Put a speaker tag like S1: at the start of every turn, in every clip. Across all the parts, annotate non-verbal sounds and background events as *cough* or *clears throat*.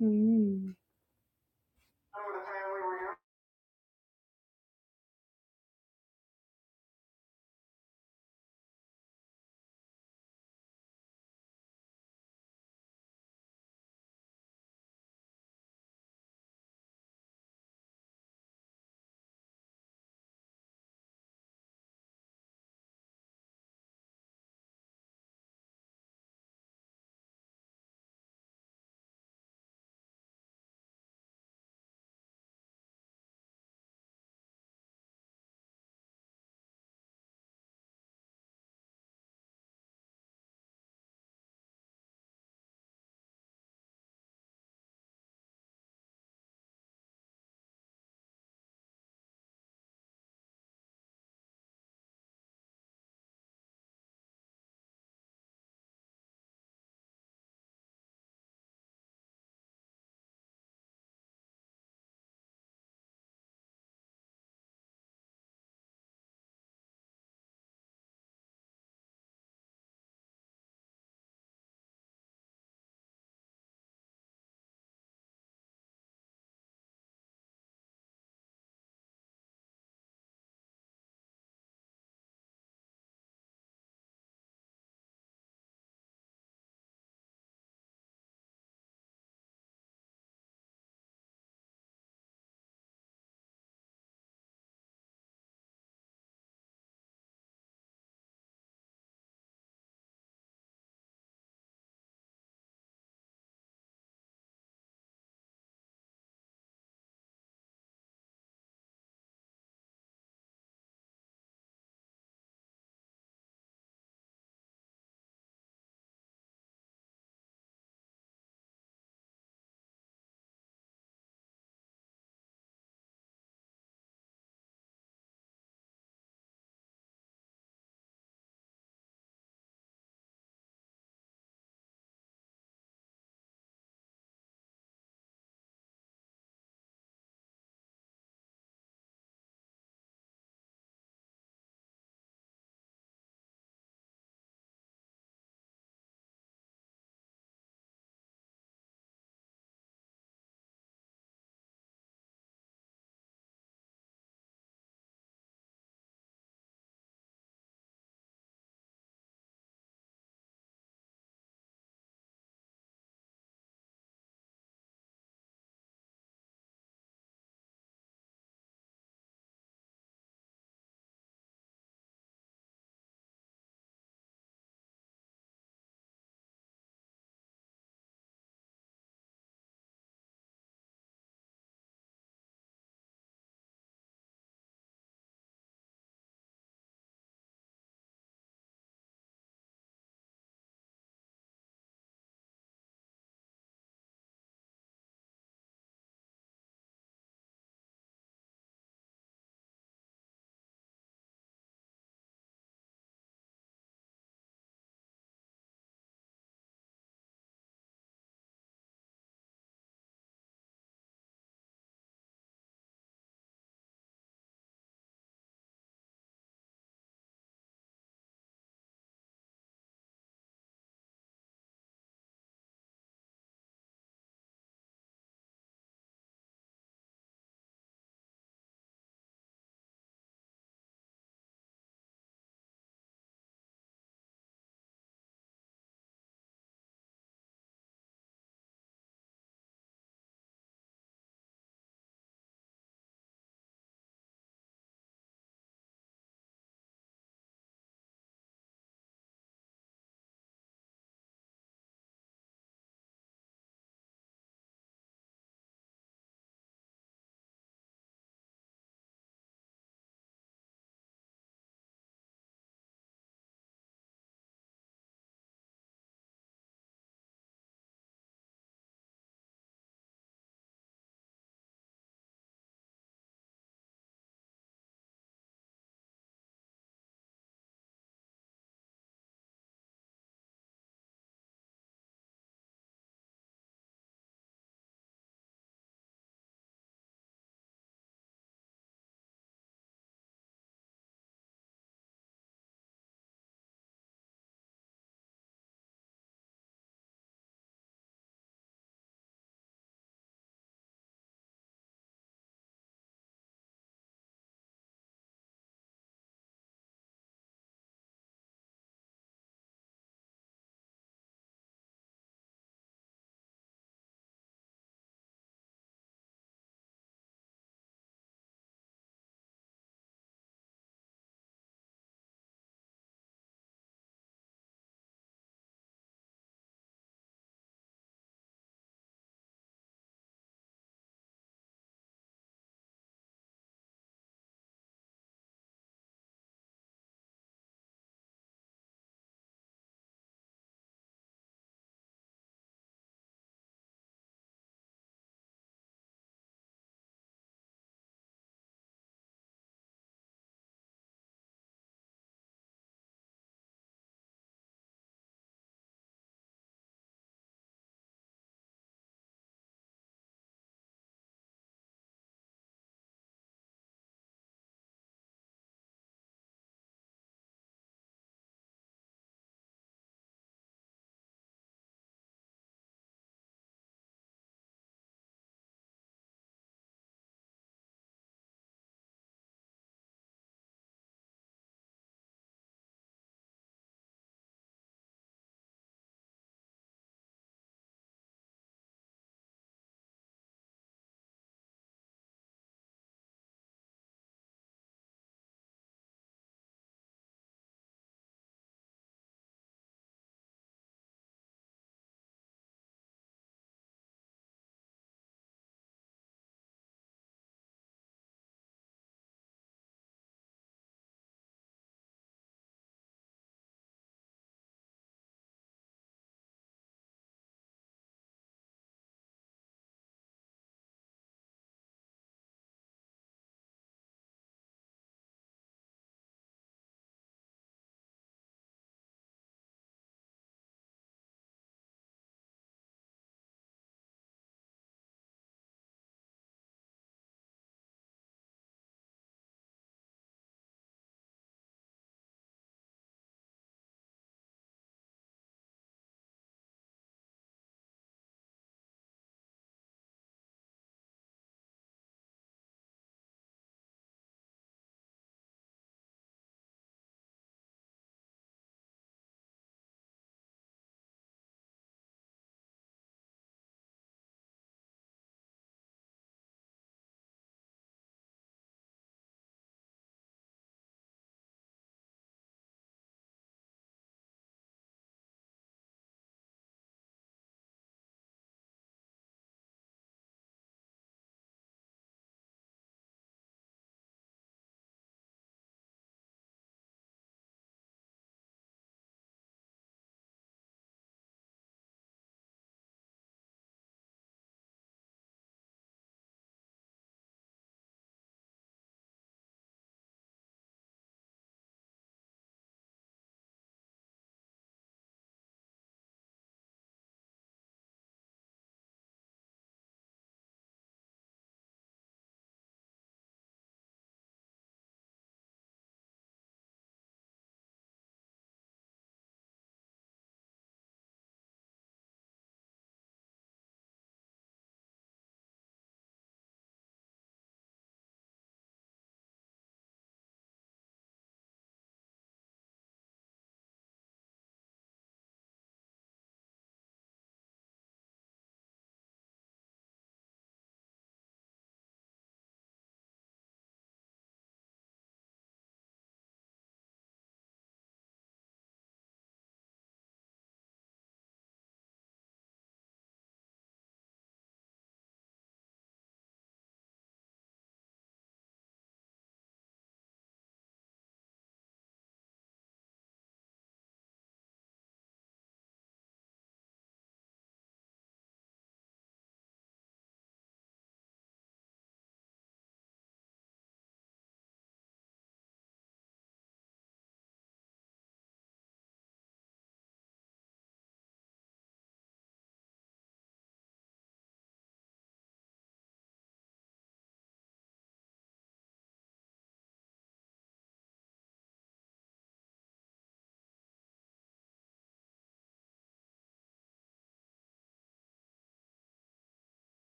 S1: Mm.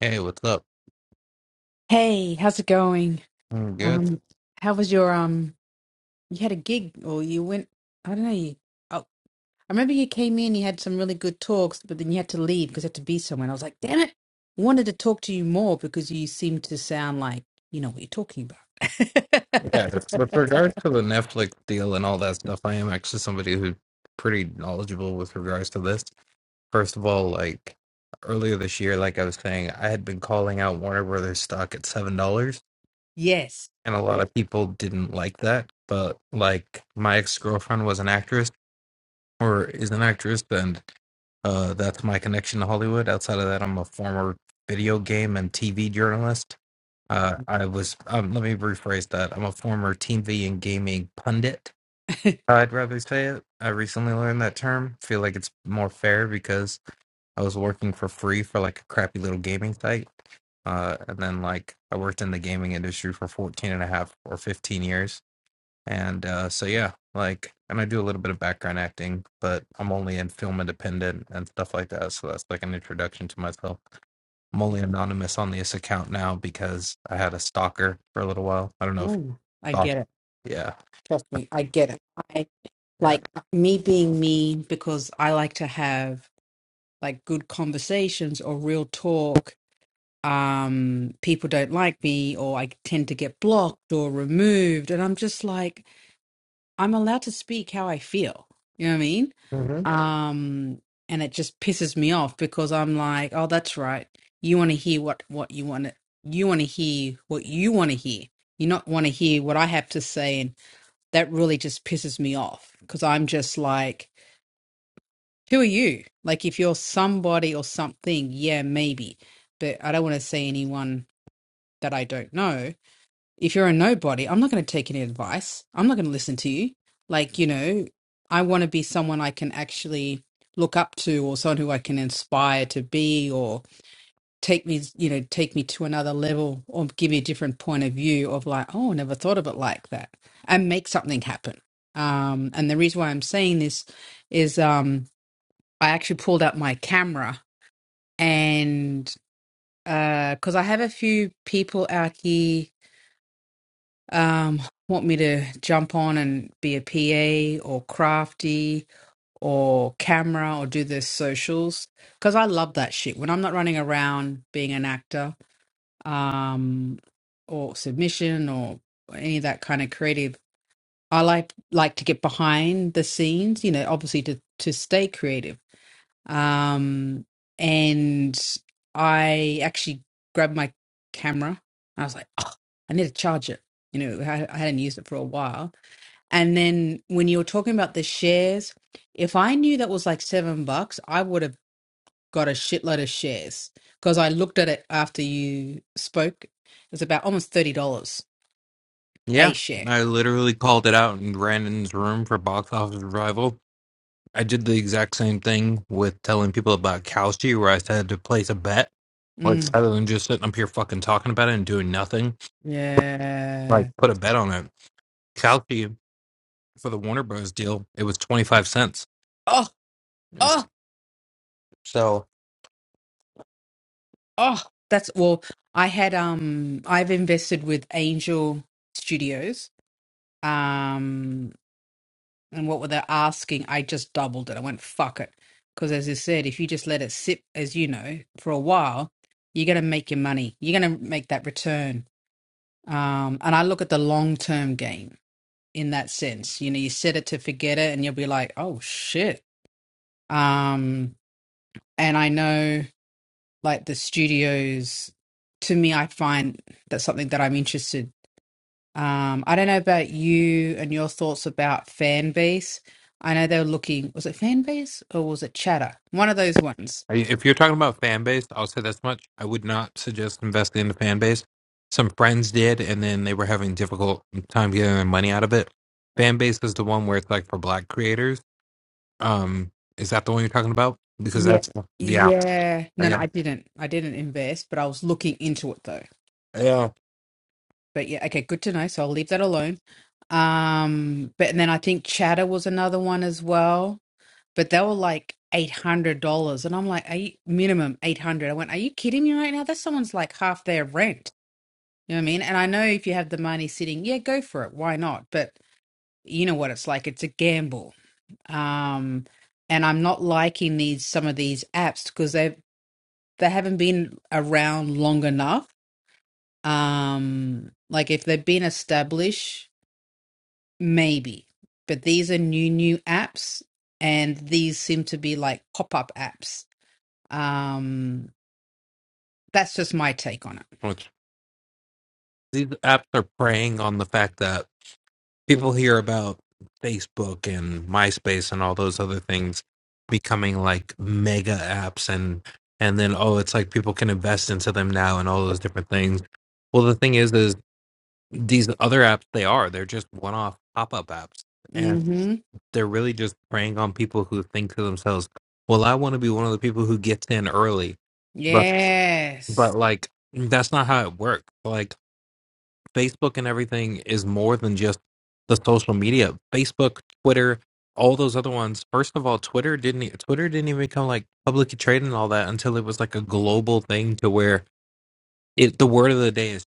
S2: Hey, what's up?
S1: Hey, how's it going?
S2: I'm good.
S1: Um, how was your um? You had a gig, or you went? I don't know. You, oh, I remember you came in. You had some really good talks, but then you had to leave because you had to be somewhere. And I was like, damn it! I wanted to talk to you more because you seemed to sound like you know what you're talking about.
S2: Yeah, with regards to the Netflix deal and all that stuff, I am actually somebody who's pretty knowledgeable with regards to this. First of all, like earlier this year, like I was saying, I had been calling out Warner Brothers stock at seven dollars,
S1: *laughs* yes.
S2: and a lot
S1: Yeah.
S2: of people didn't like that. But like my ex-girlfriend was an actress or is an actress, and uh, that's my connection to Hollywood. Outside of that, I'm a former video game and TV journalist. Uh, I was, um, let me rephrase that. I'm a former TV and gaming pundit. I'd rather say it. I recently learned that term. Feel like it's more fair because I was working for free for like a crappy little gaming site. Uh, and then like I worked in the gaming industry for 14 and a half or 15 years. And uh, so, yeah, like, and I do a little bit of background acting, but I'm only in film independent and stuff like that. So that's like an introduction to myself. I'm only anonymous on this account now because I had a stalker for a little while. I don't know if you
S1: No, I
S2: thought.
S1: get it.
S2: Yeah.
S1: Trust me, I get it. I
S2: Yeah.
S1: like me being me because I like to have like good conversations or real talk um, people don't like me or I tend to get blocked or removed. And I'm just like, I'm allowed to speak how I feel. You know what I mean?
S2: hmm
S1: Um, and it just pisses me off because I'm like, oh, that's right. You want to hear what, what you want to, you want to hear what you want to hear. You not want to hear what I have to say. And that really just pisses me off because I'm just like, who are you? Like if you're somebody or something, yeah, maybe. But I don't want to see anyone that I don't know, if you're a nobody, I'm not going to take any advice. I'm not going to listen to you. Like, you know, I want to be someone I can actually look up to or someone who I can inspire to be or take me, you know, take me to another level or give me a different point of view of like, oh, I never thought of it like that and make something happen. Um, and the reason why I'm saying this is um, I actually pulled out my camera and because I have a few people out here um, want me to jump on and be a PA or crafty or camera or do their socials because I love that shit. When I'm not running around being an actor um, or submission or any of that kind of creative, I like like to get behind the scenes. You know, obviously to to stay creative um, and I actually grabbed my camera. I was like, oh, I need to charge it. You know, I, I hadn't used it for a while. And then when you were talking about the shares, if I knew that was like seven bucks, I would have got a shitload of shares because I looked at it after you spoke. It was about almost thirty dollars a
S2: Yeah.
S1: share.
S2: I literally called it out in Brandon's room for box office revival. I did the exact same thing with telling people about Cowsty, where I said to place a bet. Like,
S1: Mm,
S2: rather than just sitting up here fucking talking about it and doing nothing, like,
S1: yeah.
S2: put a bet on it. Cowsty, for the Warner Bros. deal, it was 25 cents.
S1: Oh, oh.
S2: It's- So,
S1: Oh, that's well. I had um, I've invested with Angel Studios. Um, and what were they asking? I just doubled it. I went fuck it, because as you said, if you just let it sit, as you know, for a while, you're gonna make your money. You're gonna make that return. Um, and I look at the long term game in that sense. You know, you set it to forget it, and you'll be like, oh shit. Um, and I know. like the studios to me i find that's something that i'm interested um i don't know about you and your thoughts about fan base i know they were looking was it fan base or was it chatter one of those ones
S2: I- If you're talking about fan base, I'll say this much. I would not suggest investing in the fan base. Some friends did, and then they were having difficult time getting their money out of it. Fan base is the one where it's like for black creators. Um, is that the one you're talking about? Because
S1: yeah
S2: that's yeah,
S1: yeah no no
S2: yeah,
S1: i didn't i didn't invest but i was looking into it though
S2: yeah.
S1: but yeah okay good to know so i'll leave that alone um but and then i think chatter was another one as well but they were like eight hundred dollars, and I'm like, are you, minimum eight hundred. I went, are you kidding me right now? That's someone's like half their rent. You know what I mean? And I know if you have the money sitting, yeah, go for it. Why not? But you know what it's like. It's a gamble. Um, and I'm not liking these some of these apps because they they haven't been around long enough. Um, like if they've been established, maybe. But these are new new apps, and these seem to be like pop up apps Um, that's just my take on it.
S2: Which these apps are preying on the fact that people hear about Facebook and MySpace and all those other things becoming like mega apps and and then oh it's like people can invest into them now and all those different things. Well the thing is is these other apps they are they're just one off pop up apps and
S1: Mm-hmm.
S2: they're really just preying on people who think to themselves, well I want to be one of the people who gets in early. But but
S1: Yes.
S2: like that's not how it works. Like Facebook and everything is more than just the social media. Facebook, Twitter, all those other ones. First of all, Twitter didn't e- Twitter didn't even become like publicly traded and all that until it was like a global thing to where it the word of the day is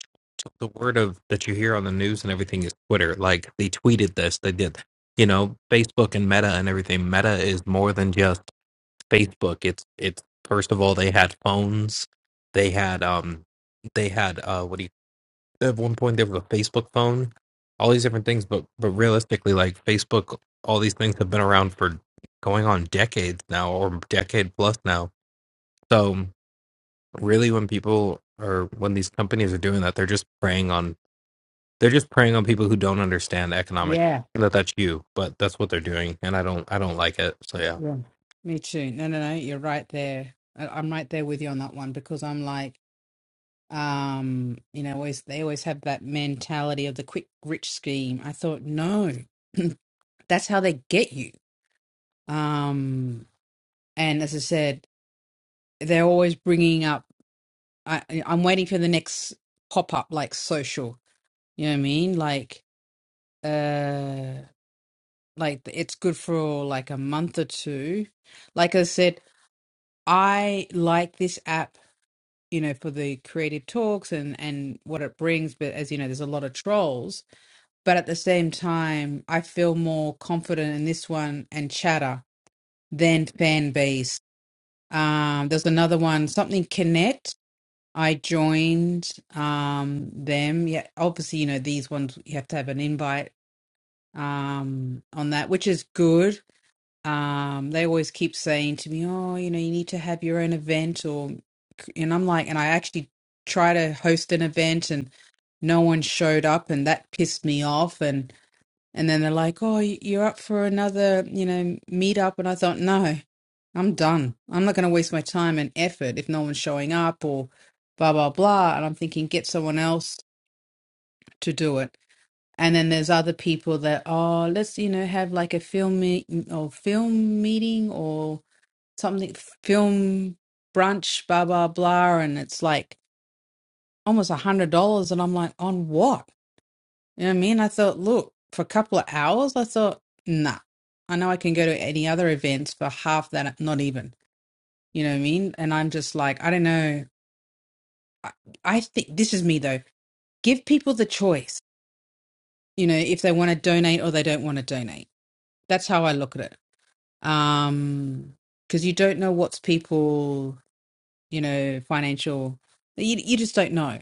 S2: the word of that you hear on the news and everything is Twitter. Like they tweeted this, they did you know, Facebook and Meta and everything. Meta is more than just Facebook. It's it's first of all they had phones, they had um they had uh what do you at one point they were the Facebook phone, all these different things. But but realistically, like Facebook, all these things have been around for going on decades now, or decade plus now. So really, when people are when these companies are doing that, they're just preying on they're just preying on people who don't understand economics.
S1: Yeah.
S2: That that's you, but that's what they're doing, and I don't I don't like it. So yeah,
S1: Yeah. Me too. No, no, no. You're right there. I- I'm right there with you on that one because I'm like, um, you know, always they always have that mentality of the quick rich scheme. I thought, no, *clears throat* that's how they get you. Um, and as I said, they're always bringing up I, I- am waiting for the next pop up like social you know what i mean like uh like it's good for like a month or two like i said i like this app you know for the creative talks and and what it brings but as you know there's a lot of trolls but at the same time i feel more confident in this one and chatter than fan base um there's another one something connect I joined um them. Yeah, obviously, you know, these ones you have to have an invite um on that, which is good. Um they always keep saying to me, "Oh, you know, you need to have your own event or and I'm like, and I actually try to host an event and no one showed up and that pissed me off and. And then they're like, "Oh, you're up for another, you know, meetup." And I thought, "No, I'm done. I'm not going to waste my time and effort if no one's showing up or blah blah blah." And I'm thinking, get someone else to do it. And then there's other people that, oh, let's you know have like a film meet or film meeting or something, film brunch, blah blah blah, and it's like almost a hundred dollars, and I'm like, on what? You know what I mean? I thought, look, for a couple of hours, I thought, nah, I know I can go to any other events for half that, not even. You know what I mean? And I'm just like, I don't know. I, I think this is me though. Give people the choice, you know, if they want to donate or they don't want to donate. That's how I look at it. Um, because you don't know what's people, you know, financial, you, you just don't know.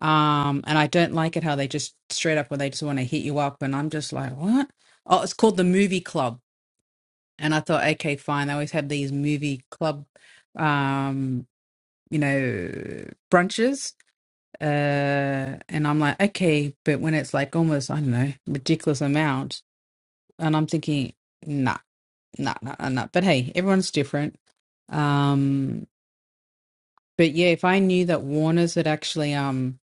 S1: Um, and I don't like it how they just straight up when they just want to hit you up. And I'm just like, what? Oh, it's called the movie club and I thought, okay, fine. They always have these movie club, um, you know, brunches, uh, and I'm like, okay, but when it's like almost, I don't know, ridiculous amount, and I'm thinking, nah, nah, nah, nah. nah. But hey, everyone's different. Um, but yeah, if I knew that Warner's had actually um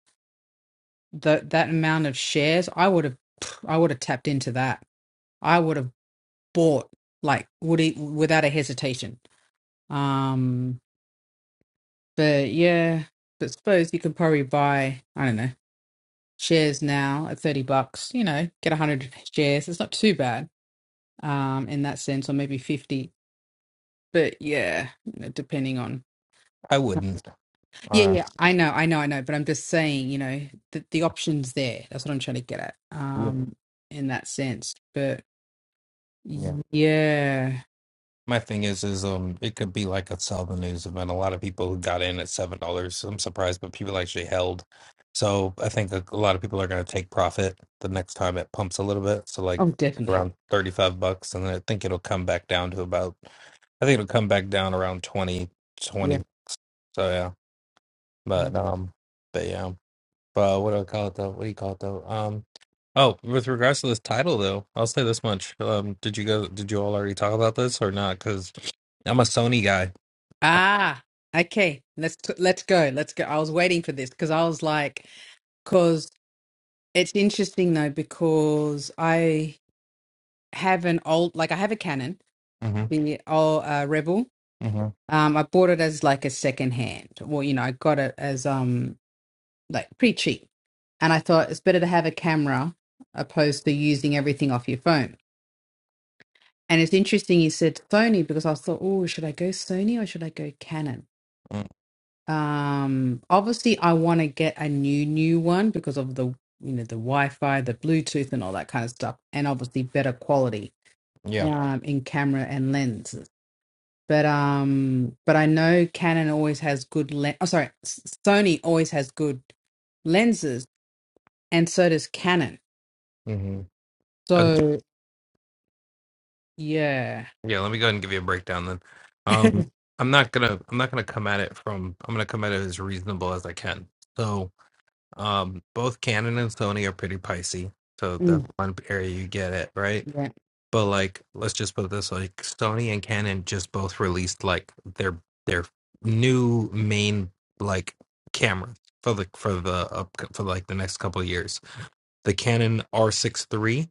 S1: that that amount of shares, I would have, I would have tapped into that. I would have bought like would it without a hesitation. Um, But yeah, but suppose you could probably buy, I don't know, shares now at 30 bucks, you know, get 100 shares. It's not too bad um, in that sense, or maybe 50. But yeah, you know, depending on.
S2: I wouldn't.
S1: Yeah,
S2: Uh,
S1: yeah, I know, I know, I know. But I'm just saying, you know, the, the option's there. That's what I'm trying to get at um, in that sense. But
S2: yeah.
S1: yeah,
S2: My thing is, is um, it could be like a Southern News event. A lot of people who got in at seven dollars. I'm surprised, but people actually held. So I think a, a lot of people are going to take profit the next time it pumps a little bit. So like
S1: oh, definitely.
S2: around thirty five bucks, and then I think it'll come back down to about. I think it'll come back down around 20 twenty.
S1: Yeah,
S2: So yeah,
S1: yeah.
S2: but um, but yeah uh, what do I call it though? What do you call it though? Um, oh, with regards to this title though, I'll say this much. Um, did you go? Did you all already talk about this or not? Because I'm a Sony guy.
S1: Ah, okay. Let's t- let's go. Let's go. I was waiting for this because I was like, It's interesting though because I have an old, like I have a Canon,
S2: hmm
S1: the old uh, Rebel.
S2: hmm
S1: Um, I bought it as like a second hand, or you know, I got it as um like pretty cheap, and I thought it's better to have a camera opposed to using everything off your phone. And it's interesting you said Sony because I thought, oh, should I go Sony or should I go Canon?
S2: mm
S1: Um, obviously I want to get a new new one because of the you know the Wi-Fi, the Bluetooth, and all that kind of stuff, and obviously better quality
S2: Yeah.
S1: um, in camera and lenses. But um, but I know Canon always has good lens. Oh, sorry, S- Sony always has good lenses, and so does Canon.
S2: hmm Okay.
S1: So yeah,
S2: Yeah. Let me go ahead and give you a breakdown then.
S1: *laughs*
S2: Um,
S1: mm,
S2: I'm not gonna. I'm not gonna come at it from. I'm gonna come at it as reasonable as I can. So, um, both Canon and Sony are pretty pricey. So that's one area you get it right.
S1: yeah.
S2: But like, let's just put it this way, like Sony and Canon just both released like their their new main like camera for the for the up for like the next couple of years. The Canon R6 three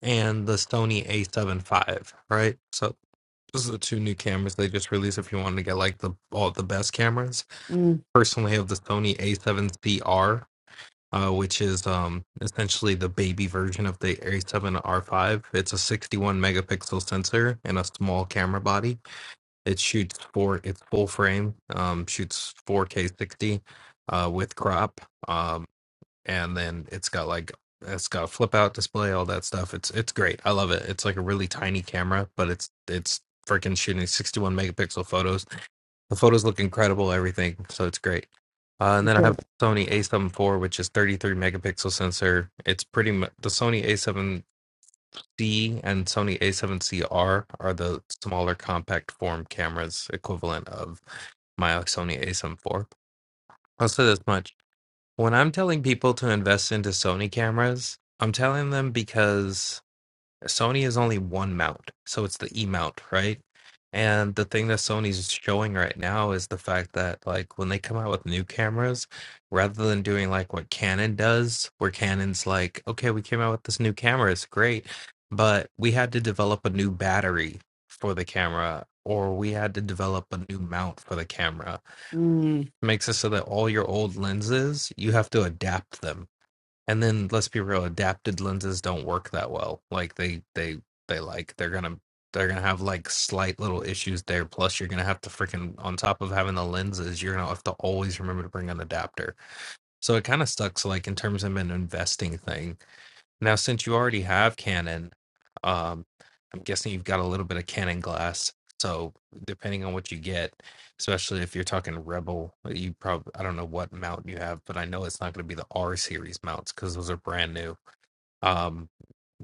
S2: and the Sony A7 five, right? So those are the two new cameras they just released if you wanted to get like the all the best cameras.
S1: Mm,
S2: Personally I have the Sony A7 CR uh, which is um, essentially the baby version of the A7R5. It's a 61 megapixel sensor and a small camera body. It shoots for its full frame, um, shoots 4K 60 uh, with crop, um, and then it's got like it's got a flip out display, all that stuff. It's it's great. I love it. It's like a really tiny camera, but it's it's freaking shooting 61 megapixel photos the photos look incredible, everything. So it's great. Uh, and
S1: you
S2: then I
S1: said-
S2: have Sony A7 four, which is 33 megapixel sensor. It's pretty much the Sony A7C and Sony A7CR are the smaller compact form cameras equivalent of my Sony A7 4 I'll say this much. When I'm telling people to invest into Sony cameras, I'm telling them because Sony is only one mount, so it's the E mount, right? And the thing that Sony's showing right now is the fact that like when they come out with new cameras, rather than doing like what Canon does, where Canon's like, okay, we came out with this new camera, it's great, but we had to develop a new battery for the camera, or we had to develop a new mount for the camera.
S1: mm.
S2: It makes it so that all your old lenses, you have to adapt them and then let's be real adapted lenses don't work that well like they they they like they're gonna they're gonna have like slight little issues there plus you're gonna have to freaking on top of having the lenses you're gonna have to always remember to bring an adapter so it kind of sucks like in terms of an investing thing now, since you already have Canon, um, I'm guessing you've got a little bit of Canon glass. So depending on what you get, especially if you're talking Rebel, uh, you probably I don't know what mount you have, but I know it's not going to be the R series mounts because those are brand new. Um,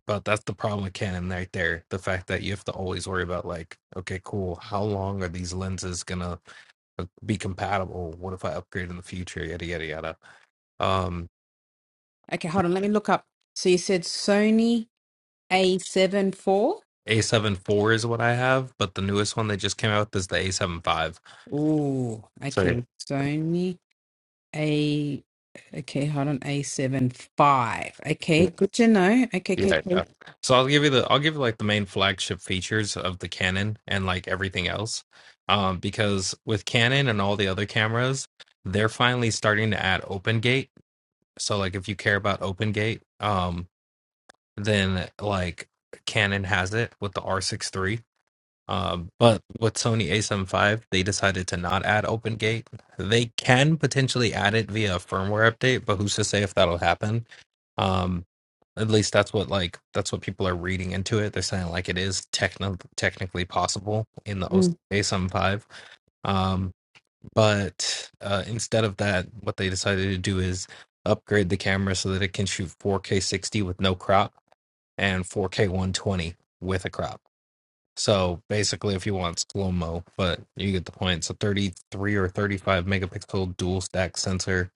S2: but that's the problem with Canon right there. The fact that you have to always worry about like, okay, cool, how long are these lenses gonna uh, be compatible? What if I upgrade in the future? Yada yada yada. Um,
S1: Okay, hold on. Let me look up. So you said Sony A seven four.
S2: A7 four is what I have, but the newest one they just came out with is the A7 five.
S1: Ooh,
S2: So yeah.
S1: okay. Sony A. Okay, hold on. A seven five. Okay,
S2: Yeah,
S1: good to know. Okay, okay,
S2: yeah.
S1: okay.
S2: yeah. so I'll give you the I'll give you like the main flagship features of the Canon and like everything else, um, because with Canon and all the other cameras, they're finally starting to add open gate. So like if you care about open gate, um, then like Canon has it with the r six three. Um, but with Sony a7 V, they decided to not add Open Gate. They can potentially add it via a firmware update, but who's to say if that'll happen? Um, at least that's what like that's what people are reading into it. They're saying like it is techno technically possible in the
S1: Mm,
S2: a7 V. Um, but uh, instead of that, what they decided to do is upgrade the camera so that it can shoot 4K 60 with no crop and 4K 120 with a crop so basically, if you want slow mo, but you get the point. It's a 33 or 35 megapixel dual stack sensor.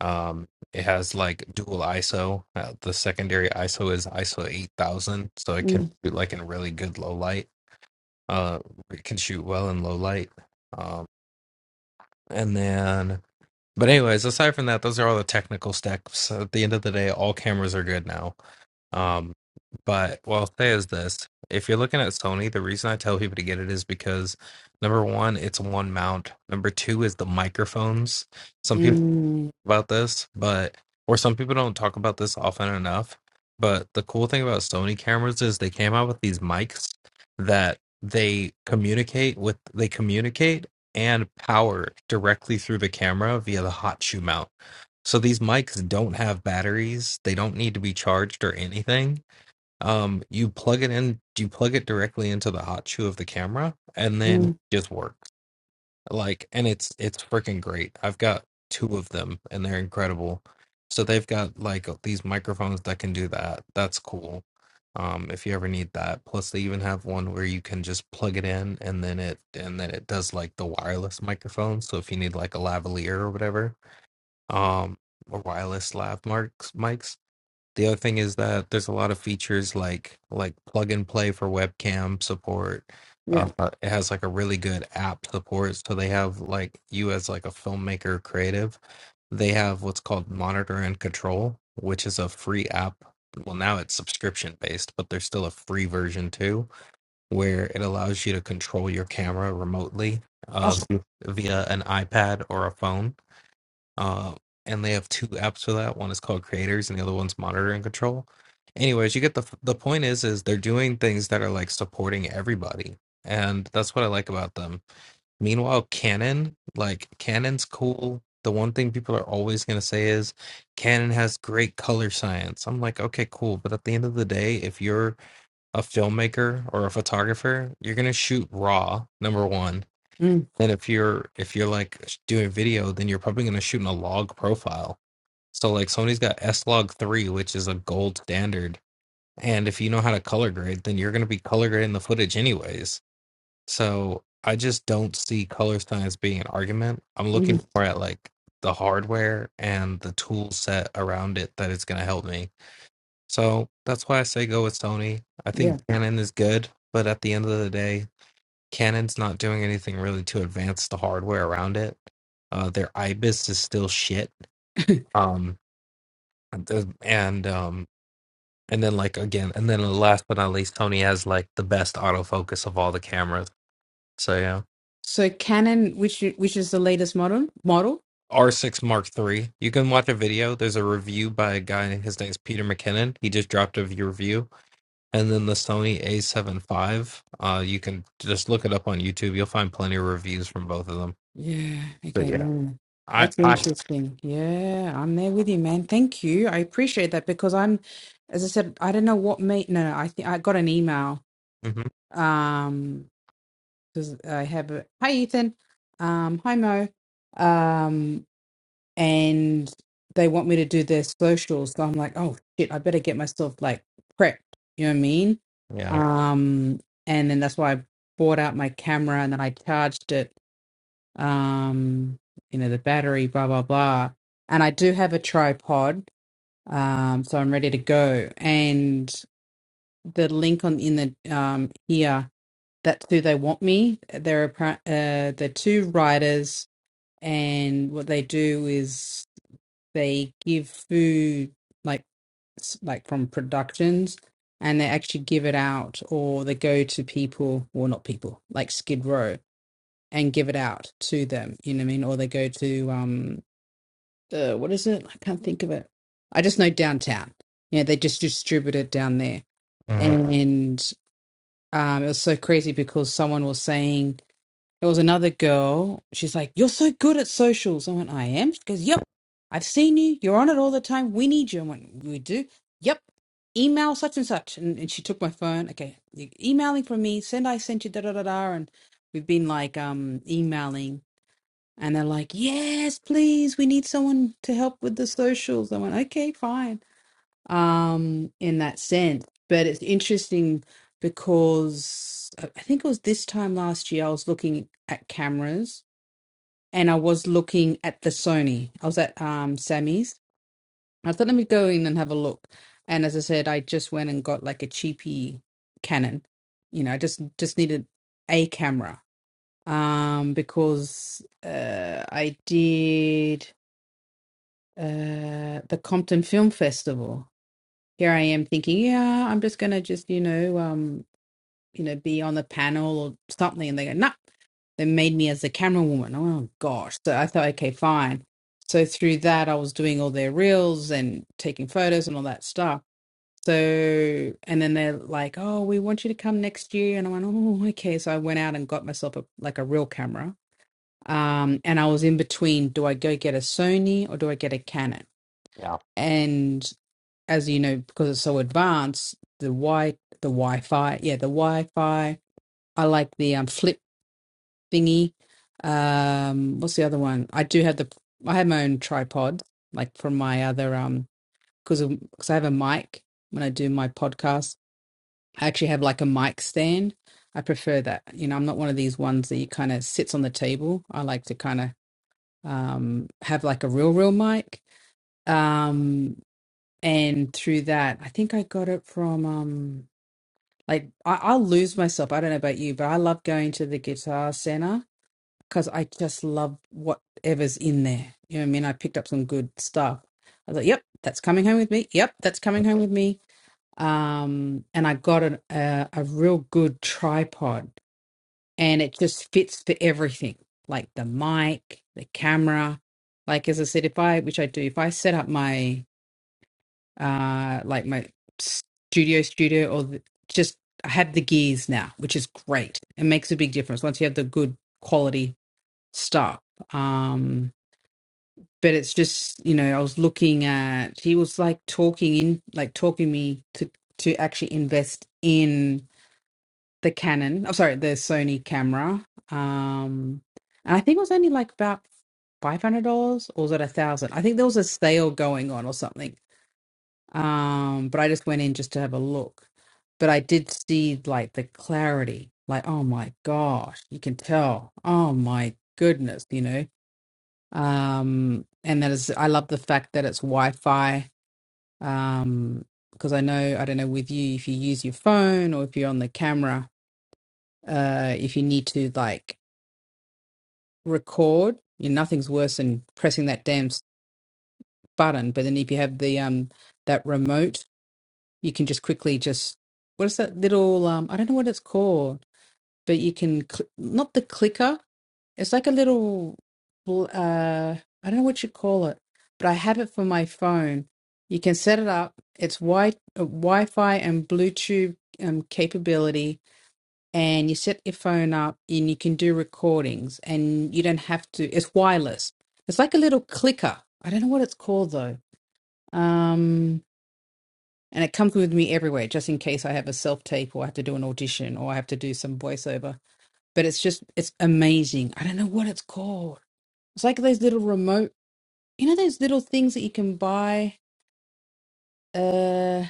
S2: Um, it has like dual ISO. Uh, the secondary ISO is ISO 8000, so it
S1: mm.
S2: can shoot like in really good low light. Uh, it can shoot well in low light. Um, and then, but anyways, aside from that, those are all the technical stacks. At the end of the day, all cameras are good now um, but what I'll say is this: if you're looking at Sony, the reason I tell people to get it is because number one, it's one mount. Number two is the microphones. Some people talk
S1: Mm,
S2: about this, but or some people don't talk about this often enough. But the cool thing about Sony cameras is they came out with these mics that they communicate with. They communicate and power directly through the camera via the hot shoe mount. So these mics don't have batteries. They don't need to be charged or anything um, you plug it in, you plug it directly into the hot shoe of the camera, and then it
S1: mm,
S2: just works. Like, and it's it's freaking great. I've got two of them, and they're incredible. So they've got like uh, these microphones that can do that. That's cool. Um, if you ever need that. Plus, they even have one where you can just plug it in, and then it and then it does like the wireless microphone. So if you need like a lavalier or whatever, um, or wireless lav mics, mics the other thing is that there's a lot of features like like plug and play for webcam support. Uh,
S1: yeah.
S2: uh, it has like a really good app support, so they have like you as like a filmmaker creative. They have what's called Monitor and Control, which is a free app. Well, now it's subscription based, but there's still a free version too, where it allows you to control your camera remotely
S1: Oh,
S2: uh, via an iPad or a phone uh, and they have two apps for that. One is called Creators, and the other one's Monitor and Control. Anyways, you get the the point is is they're doing things that are like supporting everybody, and that's what I like about them. Meanwhile, Canon, like Canon's cool. The one thing people are always gonna say is Canon has great color science. I'm like, okay, cool. But at the end of the day, if you're a filmmaker or a photographer, you're gonna shoot raw, number one
S1: mm,
S2: and if you're if you're like doing video, then you're probably going to shoot in a log profile. So like Sony's got S-Log 3, which is a gold standard. And if you know how to color grade, then you're going to be color grading the footage anyways. So I just don't see color science being an argument. I'm
S1: mm,
S2: looking more at like the hardware and the tool set around it that it's going to help me. So that's why I say go with Sony. I think
S1: yeah.
S2: Canon is good, but at the end of the day, Canon's not doing anything really to advance the hardware around it. Uh, their IBIS is still shit.
S1: *laughs*
S2: Um, and um, and then like again, and then last but not least, Sony has like the best autofocus of all the cameras. So yeah,
S1: So Canon, which i- which is the latest model model?
S2: R6 Mark three. You can watch a video. There's a review by a guy. His name's Peter McKinnon. He just dropped a review. And then the Sony A7 five. Uh, you can just look it up on YouTube. You'll find plenty of reviews from both of them.
S1: Yeah.
S2: But
S1: Okay.
S2: yeah,
S1: No,
S2: I
S1: that's
S2: I
S1: interesting. Yeah, I'm there with you, man. Thank you. I appreciate that because I'm, as I said, I don't know what made. No, no. I think I got an email.
S2: mhm,
S1: Um, because I have a hi Ethan. Um, hi Mo. Um, and they want me to do their socials. So I'm like, oh shit, I better get myself like prepped. You know what I mean?
S2: yeah.
S1: Um, and then that's why I bought out my camera and then I charged it. Um, you know, the battery, blah blah blah. And I do have a tripod, um, so I'm ready to go. And the link on in the um here. That's who they want me. They're appar- uh, they're two writers, and what they do is they give food like s- like from productions and they actually give it out or they go to people or not people like skid row and give it out to them you know what i mean or they go to um uh, what is it i can't think of it i just know downtown you know they just distribute it down there
S2: mhm.
S1: and um it was so crazy because someone was saying there was another girl. She's like, You're so good at socials. I went, I am. She goes, Yep. I've seen you. You're on it all the time. We need you. I went, We do. Yep. Email such and such. And, and she took my phone. Okay. you Emailing from me. Send I sent you da da da da. And we've been like um emailing. And they're like, Yes, please. We need someone to help with the socials. I went, Okay, fine um, in that sense. But it's interesting because I I think it was this time last year I was looking at cameras and I was looking at the Sony. I was at um, Sammy's. I thought, let me go in and have a look. And as I said, I just went and got like a cheapy Canon. You know, I just just needed a camera um, because uh, I did uh, the Compton Film Festival here I am thinking, yeah, I'm just gonna just you know, um, you know, be on the panel or something, and they go, no, they made me as a camera woman. Oh gosh, so I thought, okay, fine. So through that, I was doing all their reels and taking photos and all that stuff. So and then they're like, oh, we want you to come next year, and I went, oh, okay. So I went out and got myself a like a real camera. Um, and I was in between, do I go get a Sony or do I get a Canon?
S2: Yeah.
S1: And as you know, because it's so advanced, the Wi the Wi-Fi, yeah, the Wi-Fi. I like the um, flip thingy. Um, what's the other one? I do have the I have my own tripod, like from my other um, because because I have a mic when I do my podcast. I actually have like a mic stand. I prefer that. You know, I'm not one of these ones that you kind of sits on the table. I like to kind of um have like a real real mic. Um, and through that, I think I got it from um. Like I, I'll lose myself. I don't know about you, but I love going to the guitar center because I just love whatever's in there. You know what I mean? I picked up some good stuff. I was like, "Yep, that's coming home with me. Yep, that's coming home with me." Um, and I got an, a a real good tripod, and it just fits for everything, like the mic, the camera. Like as I said, if I, which I do, if I set up my uh, like my studio studio or the, just I have the gears now, which is great. It makes a big difference once you have the good quality stuff. Um, but it's just you know I was looking at he was like talking in like talking me to to actually invest in the Canon. I'm sorry, the Sony camera. Um, and I think it was only like about five hundred dollars or was it a thousand? I think there was a sale going on or something um, but I just went in just to have a look. But I did see like the clarity, like, oh my gosh, you can tell. Oh my goodness, you know. Um, and that is, I love the fact that it's Wi-Fi. Um, because I know, I don't know with you, if you use your phone or if you're on the camera, uh, if you need to like record, you know, nothing's worse than pressing that damn s- button. But then if you have the um that remote you can just quickly just what is that little um I don't know what it's called, but you can cl- not the clicker. It's like a little bl- uh I don't know what you call it, but I have it for my phone. You can set it up. It's wi- uh, Wi-Fi and Bluetooth um, capability, and you set your phone up, and you can do recordings, and you don't have to. It's wireless. It's like a little clicker. I don't know what it's called though. Um, and it comes with me everywhere, just in case I have a self tape or I have to do an audition or I have to do some voiceover. But it's just, it's amazing. I don't know what it's called. It's like those little remote, you know, those little things that you can buy. Uh,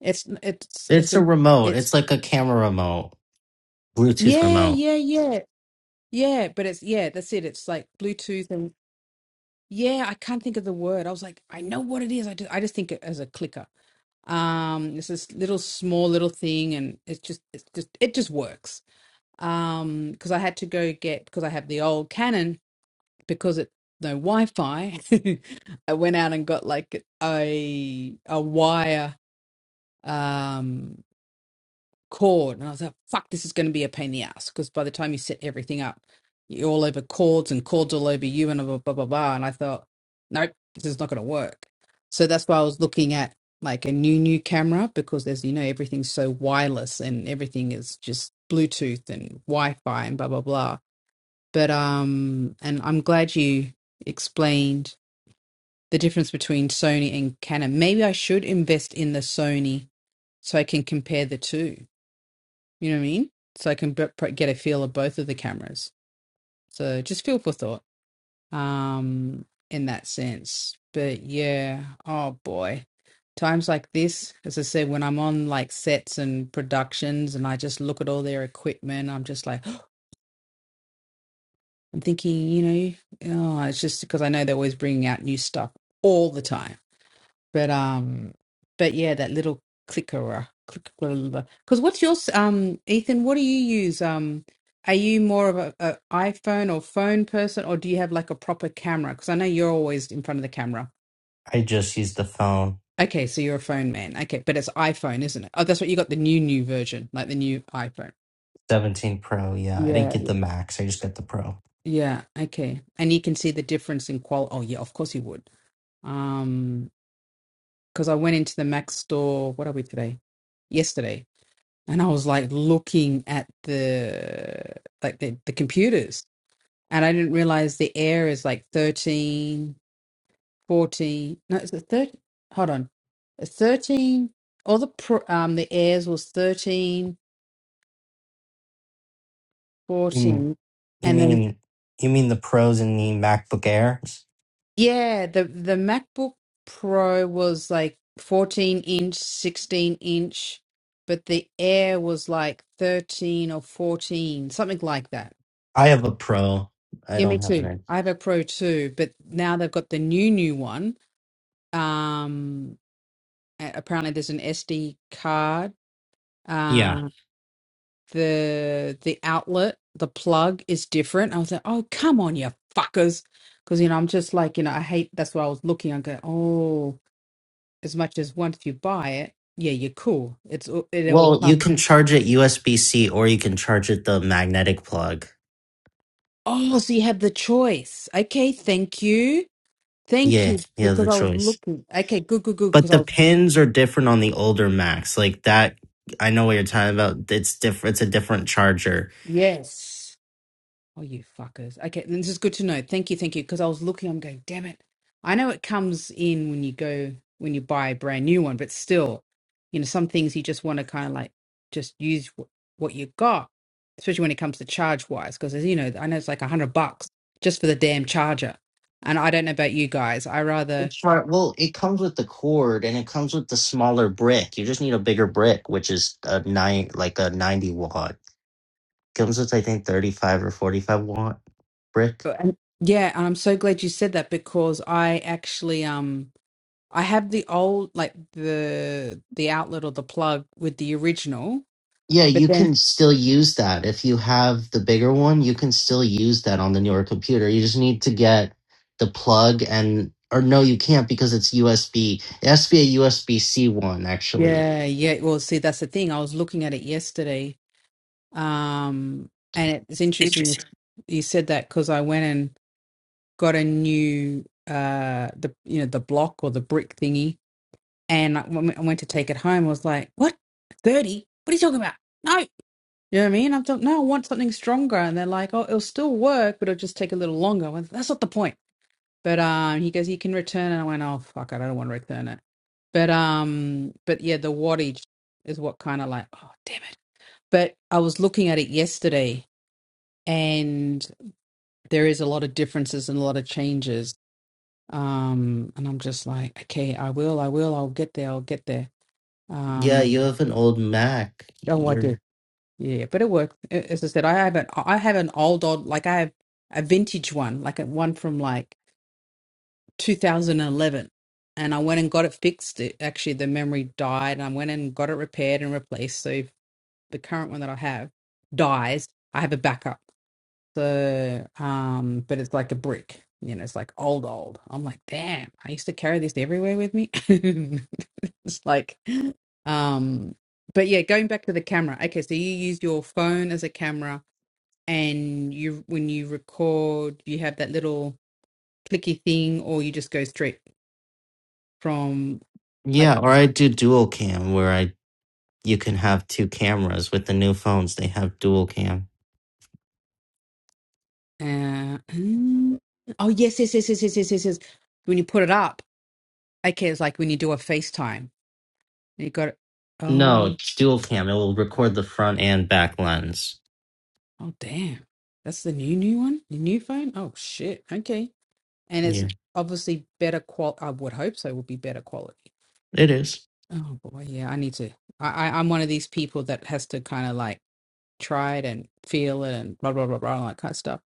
S1: it's, it's, it's
S3: It's a
S1: a,
S3: remote.
S1: it's,
S3: It's like a camera remote, Bluetooth
S1: yeah,
S3: remote.
S1: yeah, yeah, yeah. But it's, yeah, that's it. It's like Bluetooth and, yeah, I can't think of the word. I was like, I know what it is. I just, I just think it as a clicker um it's this little small little thing and it's just it's just it just works um because I had to go get because I have the old Canon because it no Wi-Fi. *laughs* I went out and got like a a wire um cord, and I was like, "Fuck, this is going to be a pain in the ass." Because by the time you set everything up, you're all over cords and cords all over you and blah blah blah. blah. And I thought, nope, this is not going to work. So that's why I was looking at like a new new camera because as you know everything's so wireless and everything is just bluetooth and wi-fi and blah blah blah but um and i'm glad you explained the difference between sony and canon maybe i should invest in the sony so i can compare the two you know what i mean so i can b- pr- get a feel of both of the cameras so just feel for thought um in that sense but yeah oh boy times like this as i said when i'm on like sets and productions and i just look at all their equipment i'm just like I'm thinking, you know, oh, it's just because I know they're always bringing out new stuff all the time. But um, but yeah, that little clicker, clicker. Because what's yours, um, Ethan? What do you use? Um, are you more of a, a iPhone or phone person, or do you have like a proper camera? Because I know you're always in front of the camera.
S3: I just used the phone.
S1: Okay, so you're a phone man. Okay, but it's iPhone, isn't it? Oh, that's what you got the new new version, like the new iPhone.
S3: 17 Pro. Yeah, I didn't
S1: Yeah,
S3: get
S1: yeah.
S3: the Max. I just got the Pro.
S1: Yeah, okay. And you can see the difference in qual. Oh, yeah, of course you would. Um, because I went into the Mac store. What are we today? Yesterday, and I was like looking at the like the, the computers, and I didn't realize the Air is like thirteen, fourteen. No, it's a 13. Hold on, a thirteen. All the pro, um the Airs was 13,
S3: You
S1: 14,
S3: mean you
S1: and then
S3: mean you mean the Pros in the MacBook Airs?
S1: Yeah, the the MacBook Pro was like 14 inch, 16 inch, but the Air was like 13 or 14, something like that.
S3: I have a Pro. I
S1: Yeah, me
S3: don't have an
S1: too.
S3: Air.
S1: I have a Pro too, but now they've got the new new one. Um, a- apparently there's an SD card.
S3: Yeah.
S1: Uh, the the outlet, the plug is different. I was like, oh come on, you fuckers, because you know I'm just like you know I hate. That's why I was looking. I go, oh. as much as once you buy it, yeah, you're cool. It's all it all.
S3: Well, you can charge it USB-C or you can charge it the magnetic plug.
S1: Oh, so you have the choice. Okay, thank you, thank
S3: Yeah,
S1: you,
S3: you have the
S1: because I was
S3: choice.
S1: looking. Okay, good, good, good,
S3: But
S1: because I
S3: the
S1: was
S3: pins are different on the older Macs. Like that I know what you're talking about. It's different. It's a different charger
S1: yes. Oh, you fuckers. Okay, this is good to know. Thank you, thank you. Because I was looking, I'm going, damn it. I know it comes in when you go, when you buy a brand new one, but still, you know, some things you just want to kind of like just use wh- what you got, especially when it comes to charge wise. Because, as you know, I know it's like a hundred bucks just for the damn charger. And I don't know about you guys. I rather,
S3: Char- Well, it comes with the cord and it comes with the smaller brick. You just need a bigger brick, which is a nine, like a ninety watt. Comes with I think thirty five or forty five watt brick.
S1: but- and- yeah, and I'm so glad you said that because I actually, um, I have the old, like the the outlet or the plug with the original,
S3: Yeah,
S1: But
S3: you
S1: then,
S3: can still use that if you have the bigger one. You can still use that on the newer computer. You just need to get the plug and or no, you can't because it's USB. It has to be a USB C one actually.
S1: yeah, yeah. Well, see, that's the thing. I was looking at it yesterday, um, and it's interesting.
S3: Interesting.
S1: It's, you said that because I went and got a new, uh, the you know the block or the brick thingy, and I, when I went to take it home. I was like, "What? Thirty? What are you talking about? No!" You know what I mean? I don't know. I want something stronger. And they're like, oh, it'll still work, but it'll just take a little longer. I went, That's not the point. But um, he goes, you can return it. I went, oh, fuck, I don't want to return it. But um, but yeah, the wattage is what kind of like, oh, damn it. But I was looking at it yesterday and there is a lot of differences and a lot of changes. Um, and I'm just like, okay, I will, I will, I'll get there, I'll get there.
S3: Yeah,
S1: Um,
S3: you have an old Mac.
S1: oh, I
S3: You're
S1: do. Yeah, but it worked. A- As I said, I have an I have an old old like I have a vintage one, like a one from like 2011, and I went and got it fixed. It actually the memory died, and I went and got it repaired and replaced. So if the current one that I have dies, I have a backup. So, um, but it's like a brick, you know, it's like old old. I'm like, damn, I used to carry this everywhere with me. *laughs* It's like, um, but yeah, going back to the camera. Okay, so you use your phone as a camera and you when you record you have that little clicky thing or you just go straight from like
S3: yeah, or I do dual cam where I you can have two cameras. With the new phones, they have dual cam.
S1: uh *clears throat* mm, oh yes yes yes yes yes yes yes yes when you put it up okay it's like when you do a FaceTime you got it
S3: No,
S1: oh
S3: it's dual cam. It will record the front and back lens.
S1: oh damn that's the new new one the new phone oh shit okay and it's
S3: Yeah,
S1: obviously better qual I would hope so it would be better quality
S3: it is.
S1: oh boy yeah I need to I I- I'm one of these people that has to kind of like try it and feel it and blah blah blah blah all that kind of stuff.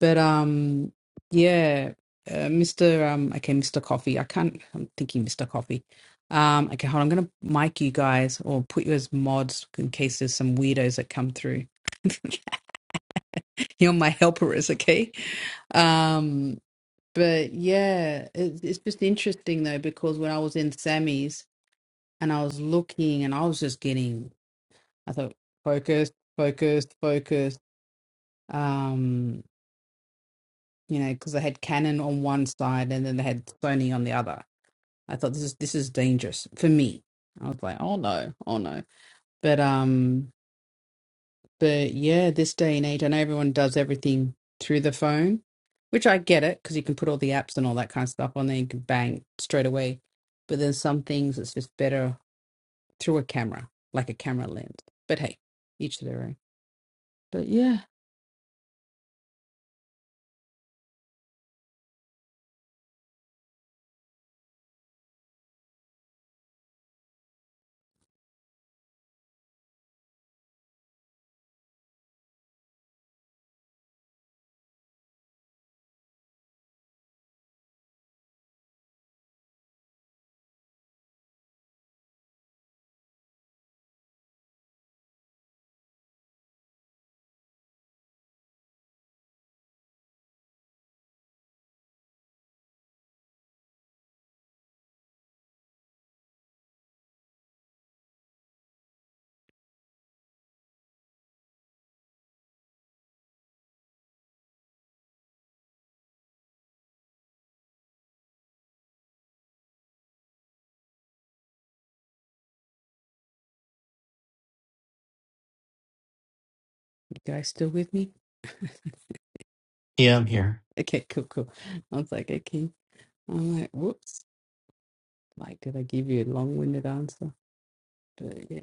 S1: But um, yeah, uh, Mr. Um, okay, Mr. Coffee. I can't. I'm thinking Mr. Coffee. Um, okay, hold on. I'm gonna mic you guys or put you as mods in case there's some weirdos that come through. *laughs* You're my helperers, okay? Um, but yeah, it, it's just interesting though because when I was in Sammy's and I was looking and I was just getting, I thought focused, focused, focused. Um, you know, because they had Canon on one side and then they had Sony on the other. I thought this is this is dangerous for me. I was like, oh no, oh no. But um, but yeah, this day and age, I know everyone does everything through the phone, which I get it because you can put all the apps and all that kind of stuff on there. You can bang straight away. But then some things it's just better through a camera, like a camera lens. But hey, each to their own. But yeah, You guys still with me? *laughs*
S3: Yeah, I'm here.
S1: Okay, cool, cool. I was like, okay. I'm like, whoops. Like, did I give you a long-winded answer? But yeah.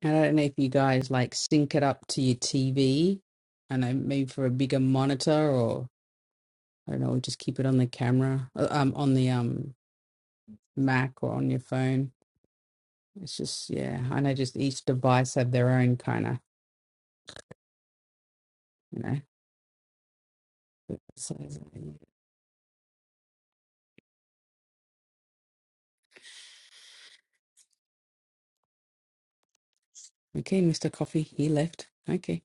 S1: And I don't know if you guys like sync it up to your TV. I know maybe for a bigger monitor or I don't know, just keep it on the camera, uh, um, on the um Mac or on your phone. It's just yeah. I know just each device have their own kind of, you know. So yeah. okay, Mr. Coffee, he left. Okay.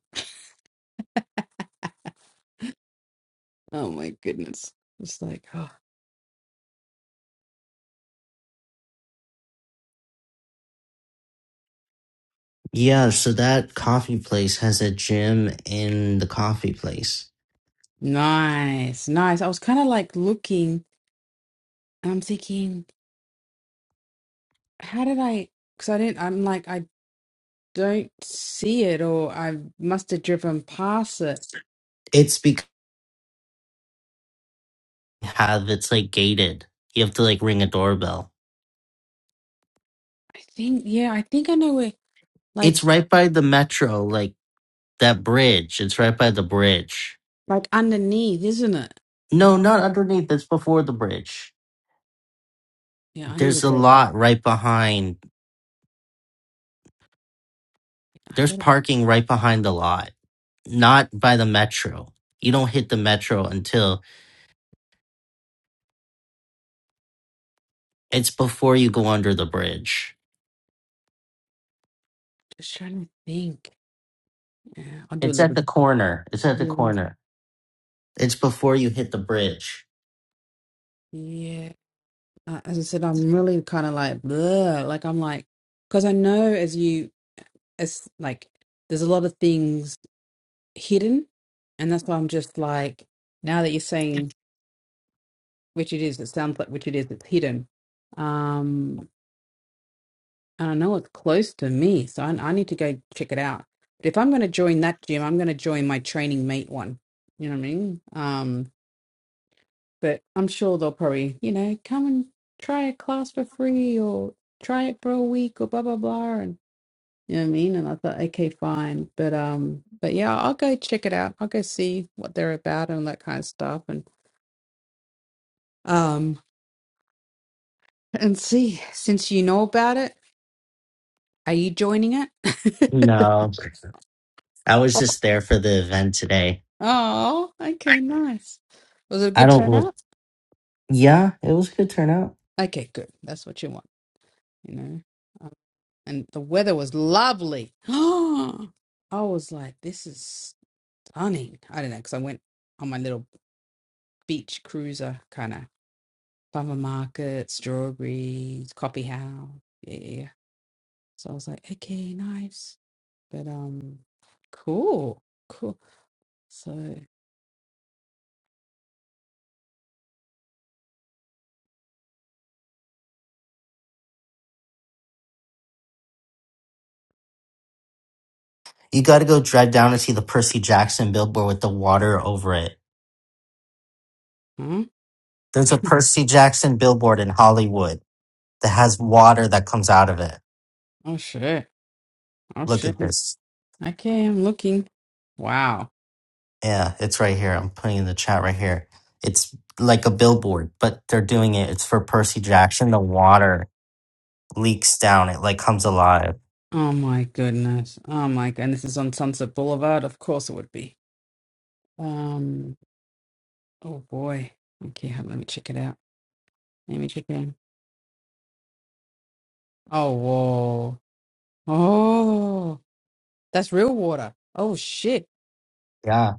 S1: Oh my goodness. It's like oh,
S3: Yeah, so that coffee place has a gym in the coffee place.
S1: Nice, nice. I was kind of like looking and I'm thinking, how did I? Because I didn't, I'm like, I don't see it, or I must have driven past it.
S3: It's because have it's like gated. You have to like ring a doorbell.
S1: I think, yeah, I think I know where, like,
S3: It's right by the metro, like that bridge. It's right by the bridge.
S1: like underneath, isn't it?
S3: No, not underneath. It's before the bridge.
S1: Yeah, I need to
S3: There's a
S1: go.
S3: lot right behind.
S1: I
S3: There's
S1: gotta
S3: parking right behind the lot. not by the metro. You don't hit the metro until it's before you go under the bridge.
S1: just trying to think. Yeah, I'll do a
S3: It's at
S1: little.
S3: the corner. It's at the
S1: Yeah,
S3: corner. It's before you hit the bridge.
S1: yeah. Uh, as I said, I'm really kind of like, bleh. Like, I'm like, because I know as you, as like, there's a lot of things hidden. And that's why I'm just like, now that you're saying which it is, it sounds like which it is, it's hidden. Um, and I know it's close to me, so I, I need to go check it out. But if I'm going to join that gym, I'm going to join my training mate one. You know what I mean? Um, but I'm sure they'll probably, you know, come and try a class for free or try it for a week or blah, blah, blah. And you know what I mean? And I thought, okay, fine. But, um, but yeah, I'll go check it out. I'll go see what they're about and that kind of stuff. And Um, and see, since you know about it, are you joining it? *laughs*
S3: No, I was just there for the event today.
S1: Oh, okay, nice. Was it a
S3: I
S1: good
S3: don't look.
S1: turnout?
S3: Yeah, it was a good turnout.
S1: Okay, good. That's what you want, you know. Um, and the weather was lovely. *gasps* Oh, I was like, this is stunning. I don't know, because I went on my little beach cruiser kind of farmer market, strawberries, coffee house. Yeah, yeah. yeah. So I was like, okay, nice. But um, cool, cool. So,
S3: You got to go drive down and see the Percy Jackson billboard with the water over it.
S1: hmm?
S3: There's a Percy Jackson billboard in Hollywood that has water that comes out of it.
S1: Oh shit. Oh
S3: Look
S1: shit.
S3: at this.
S1: Okay, I'm looking. Wow.
S3: Yeah, it's right here. I'm putting in the chat right here. It's like a billboard, but they're doing it. It's for Percy Jackson. The water leaks down. It like comes alive.
S1: Oh my goodness. Oh my god. And this is on Sunset Boulevard. Of course it would be. Um oh boy. Okay, hold- let me check it out. Let me check it in. Oh whoa. Oh that's real water. Oh shit.
S3: Yeah.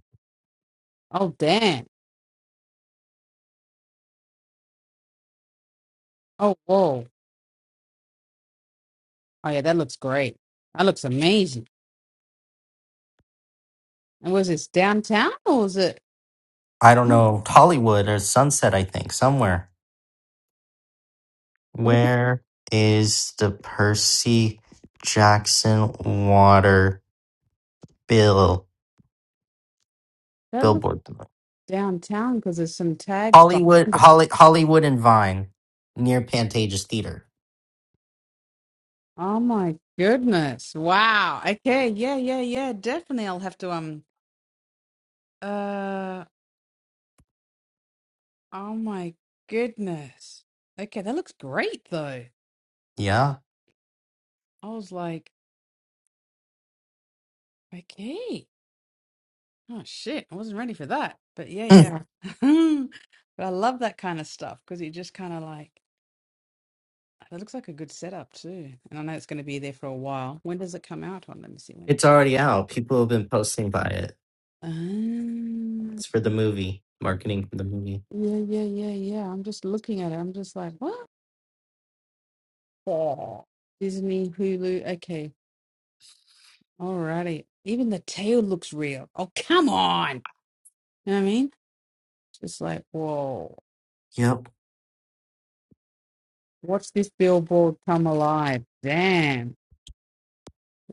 S1: Oh damn. Oh whoa. Oh yeah, that looks great. That looks amazing. And was this downtown or was it
S3: I don't
S1: Hmm,
S3: know. Hollywood or Sunset, I think, somewhere.
S1: it-
S3: Where is the Percy Jackson water bill
S1: that looks
S3: billboard?
S1: downtown because there's some tags
S3: Hollywood,
S1: behind it.
S3: Holly, Hollywood and Vine near Pantages Theater.
S1: Oh my goodness. Wow. Okay. Yeah, yeah, yeah. Definitely I'll have to um uh oh my goodness. Okay, that looks great though.
S3: Yeah.
S1: I was like, okay. Oh shit. I wasn't ready for that. But
S3: *clears throat*
S1: yeah, yeah. *laughs* But I love that kind of stuff because it just kind of like it looks like a good setup too. And I know it's going to be there for a while. When does it come out on? Let me see when it.
S3: it's already out. People have been posting by it.
S1: Um,
S3: It's for the movie, marketing for the movie.
S1: yeah, yeah, yeah, yeah. I'm just looking at it. I'm just like, what? Oh. Disney, Hulu. Okay. Alrighty. Even the tail looks real. Oh, come on. You know what I mean? Just like, whoa.
S3: Yep.
S1: Watch this billboard come alive. Damn.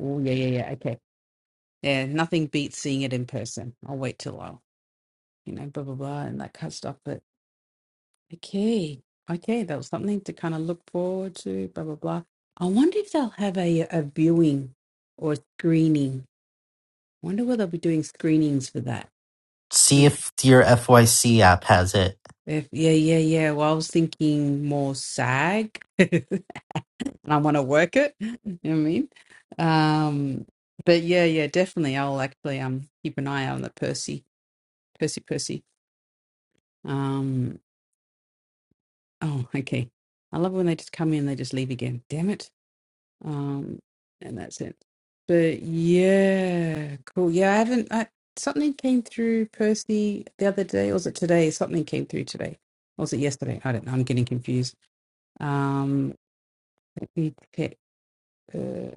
S1: Oh, yeah, yeah, yeah. Okay. Yeah, nothing beats seeing it in person. I'll wait till I'll, you know, blah, blah, blah, and that kind of stuff. But okay. Okay. That was something to kind of look forward to, blah, blah, blah. I wonder if they'll have a, a viewing or screening. I wonder whether they'll be doing screenings for that.
S3: See if your FYC app has it.
S1: If, yeah, yeah, yeah. Well, I was thinking more SAG, *laughs* and I want to work it. You know what I mean? Um, but yeah, yeah, definitely. I'll actually um keep an eye on the Percy, Percy, Percy. Um, oh, okay. I love when they just come in, and they just leave again. Damn it. Um, and that's it. But yeah, cool. Yeah, I haven't. I, something came through Percy the other day, or was it today? Something came through today, or was it yesterday? I don't know. I'm getting confused. Um. We pick uh,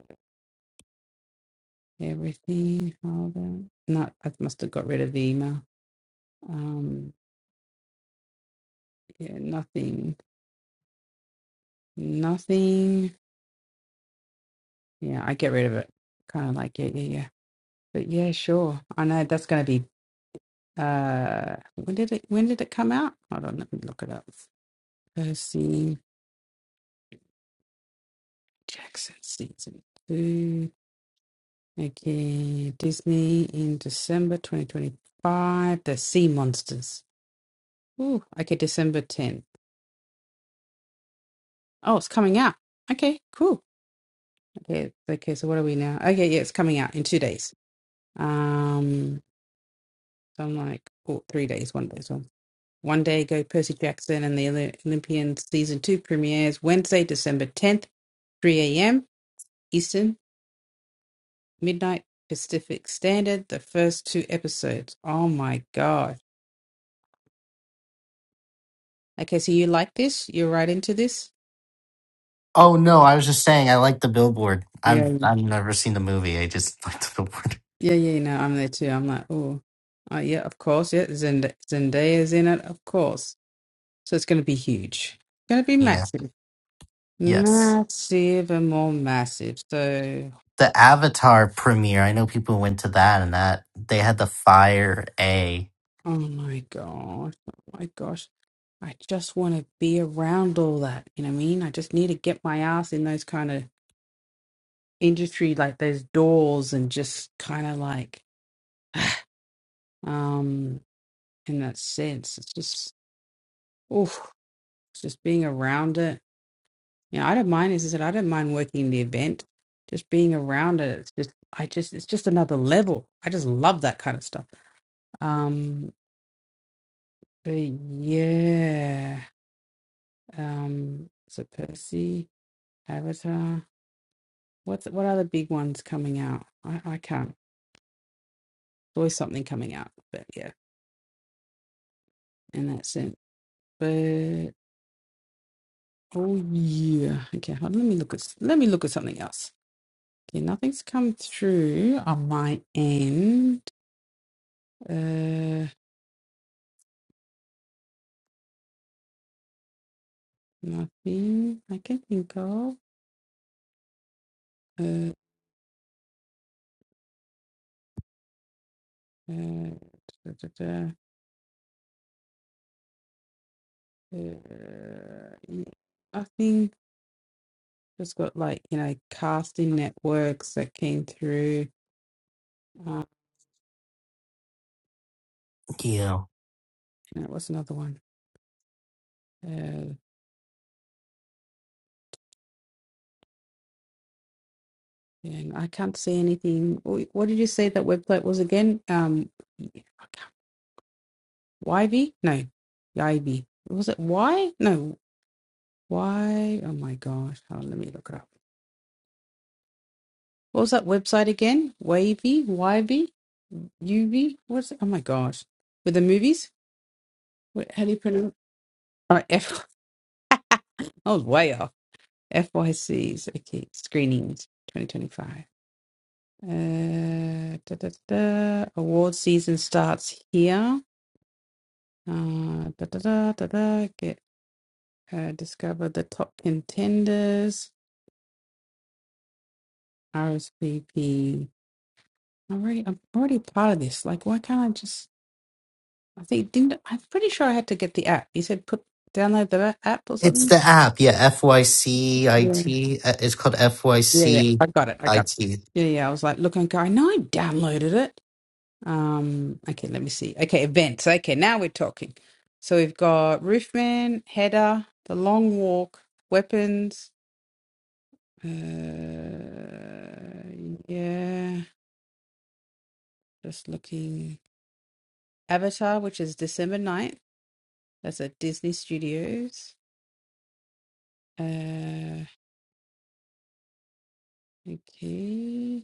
S1: everything. Hold on. Not. I must have got rid of the email. Um. Yeah. Nothing. Nothing. Yeah. I get rid of it. Kind of like yeah, yeah, yeah. But yeah, sure. I know that's going to be. Uh. When did it? When did it come out? Hold on. Let me look it up. Percy Jackson season two. Okay. Disney in December 2025. The Sea Monsters. Ooh. Okay. December 10th. Oh, it's coming out. Okay, cool. Okay, okay. So what are we now? Okay, yeah, it's coming out in two days. Um, so I'm like, oh, three days, one day. So one day ago. Percy Jackson and the Oly- Olympian season two premieres Wednesday, December 10th, 3 a.m. Eastern, midnight Pacific Standard. The first two episodes. Oh my god. Okay, so you like this? You're right into this?
S3: Oh no, I was just saying I like the billboard. I've
S1: Yeah,
S3: I've never seen the movie. I just *laughs* like the billboard.
S1: yeah, yeah. No, I'm there too. I'm like, oh, uh, yeah, of course. Yeah, Zend- Zendaya's in it, of course. So it's going to be huge. Going to be
S3: Yeah.
S1: massive,
S3: Yes.
S1: massive, and more massive. So,
S3: The Avatar premiere. I know people went to that and that they had the Fire A.
S1: oh my gosh, oh my gosh, I just want to be around all that. You know what I mean? I just need to get my ass in those kind of industry, like those doors, and just kind of like, *sighs* um, in that sense, it's just, oh, it's just being around it You know, I don't mind, as I said, I don't mind working the event, just being around it. It's just, I just, it's just another level. I just love that kind of stuff. Um, but yeah. Um, so Percy, Avatar. What's what are the big ones coming out? I, I can't. There's always something coming out, but yeah, and that's it. But oh yeah. Okay, hold on, let me look at s- let me look at something else. Okay, nothing's come through on my end. Uh Nothing I can think of. Uh, uh, da, da, da, da. uh, yeah. I think just got like, you know, casting networks that came through. Uh,
S3: Yeah.
S1: no, what's another one? Uh, and I can't see anything. Wh- What did you say that website was again? Um, YV? No, YV. Was it Y? No, Y. Oh my gosh. Oh, let me look it up. What was that website again? Wavy, Yv, UV? What's it? Oh my gosh. With the movies? What, how do you pronounce it? Oh, F. *laughs* I was way off. FYCs. Okay. Screenings 2025. Uh, da, da, da, da. Award season starts here. Uh, da, da, da, da, da. Get uh, discover the top contenders. RSVP. I'm already, I'm already part of this. Like, why can't I just? I think didn't I'm pretty sure I had to get the app. You said put download the app or
S3: It's
S1: something.
S3: the app. Yeah, FYCIT.
S1: Yeah,
S3: Uh, It's called
S1: yeah, yeah.
S3: FYCIT.
S1: I got it. I got it. Yeah, yeah. I was like, look, I go. I know I downloaded it. Um. Okay, let me see. Okay, events. Okay, now we're talking. So we've got Roofman, Header, The Long Walk, Weapons. Uh, yeah, just looking. Avatar, which is December ninth. That's at Disney Studios. Uh, okay.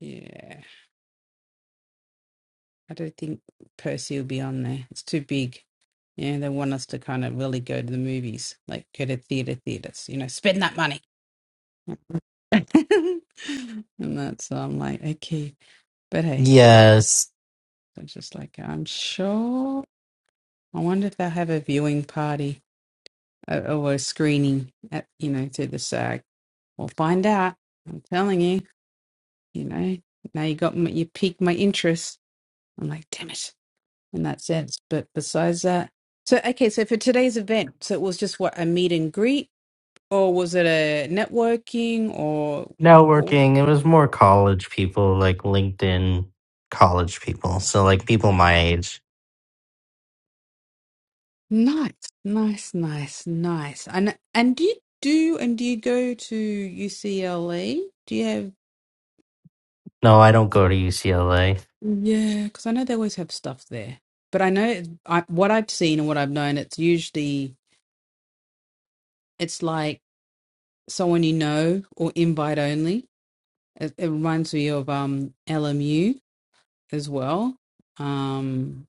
S1: Yeah, I don't think Percy will be on there. It's too big. Yeah, they want us to kind of really go to the movies, like go to theater theaters. You know, spend that money. *laughs* and that's I'm like okay, but hey,
S3: Yes.
S1: I'm just like I'm sure. I wonder if they'll have a viewing party uh, or a screening at you know through the SAG. We'll find out. I'm telling you, you know. Now you got my, you piqued my interest. I'm like, damn it. in that sense. But besides that, so okay, so for today's event, so it was just what a meet and greet, or was it a networking, or or-
S3: networking. It was more college people, like LinkedIn college people. So like people my age.
S1: nice, nice, nice, nice. And and do you do and do you go to UCLA? Do you have
S3: No, I don't go to UCLA.
S1: yeah? Because I know they always have stuff there, but I know it- I, what I've seen and what I've known, it's usually it's like someone you know or invite only. It, it reminds me of um LMU as well. Um,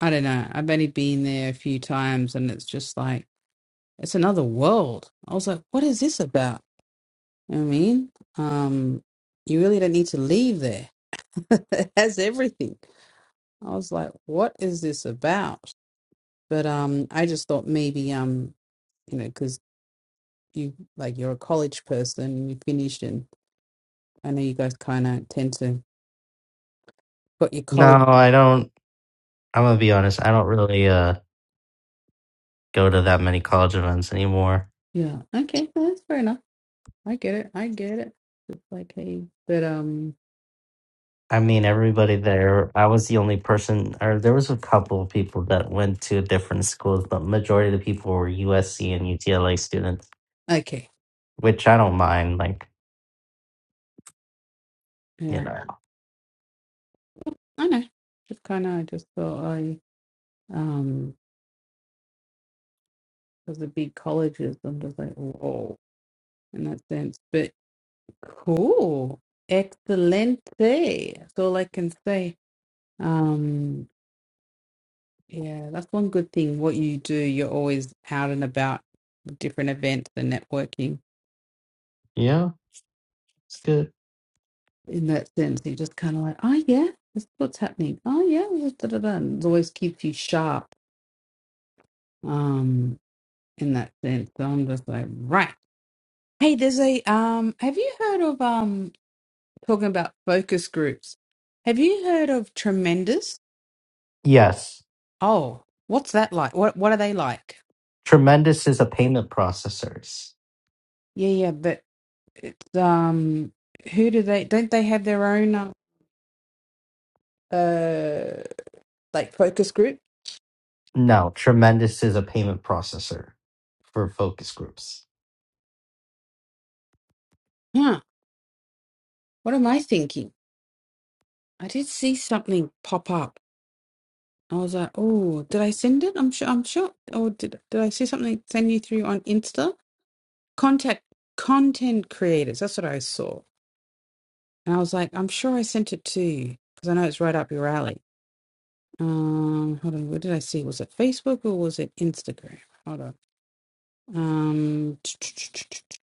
S1: I don't know. I've only been there a few times and it's just like, it's another world. I was like, what is this about? You know what I mean, um, you really don't need to leave there. *laughs* it has everything. I was like, what is this about? But um, I just thought maybe, um, you know, because you like you're a college person, you finished, and I know you guys kind of tend to got your college.
S3: No, I don't. I'm gonna be honest. I don't really uh go to that many college events anymore.
S1: Yeah. Okay. well, that's fair enough I get it. I get it. It's like, hey, but um,
S3: I mean, everybody there. I was the only person, or there was a couple of people that went to different schools, but majority of the people were USC and UTLA students,
S1: okay,
S3: which I don't mind. Like, you
S1: yeah,
S3: know,
S1: I know. Just kind of, I just thought I um, because the big colleges, I'm just like, whoa, in that sense. But cool, excelente. That's all I can say. Um, yeah, that's one good thing. What you do, you're always out and about, different events and networking.
S3: yeah, it's good.
S1: In that sense, you're just kind of like, oh yeah, this is what's happening. Oh yeah, da da da. It always keeps you sharp um in that sense. So I'm just like, right. Hey, there's a um have you heard of um talking about focus groups? Have you heard of Tremendous?
S3: Yes,
S1: Oh, what's that like? What what are they like?
S3: Tremendous is a payment processors.
S1: Yeah, yeah, but it's um who do they don't they have their own uh uh, like focus group?
S3: No, Tremendous is a payment processor for focus groups.
S1: Huh. What am I thinking? I did see something pop up. I was like, oh, did I send it? I'm sure I'm sure. Or did did I see something send you through on Insta? contact content creators. That's what I saw, and I was like, I'm sure I sent it to you because I know it's right up your alley. Um, hold on, What did I see? Was it Facebook or was it Instagram? Hold on. Um, *tsk*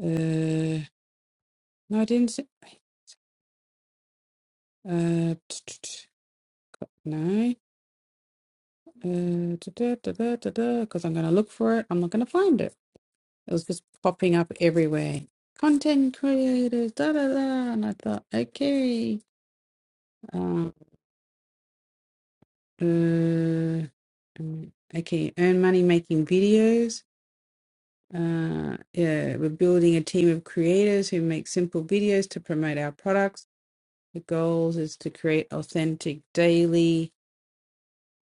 S1: uh, no, I didn't. See, uh, *tsk* no. Uh, da da da da da. Because I'm gonna look for it. I'm not gonna find it. It was just popping up everywhere. Content creators, da da da. And I thought, okay. um, Uh, mm, okay, earn money making videos. Uh, yeah, we're building a team of creators who make simple videos to promote our products. The goals is to create authentic daily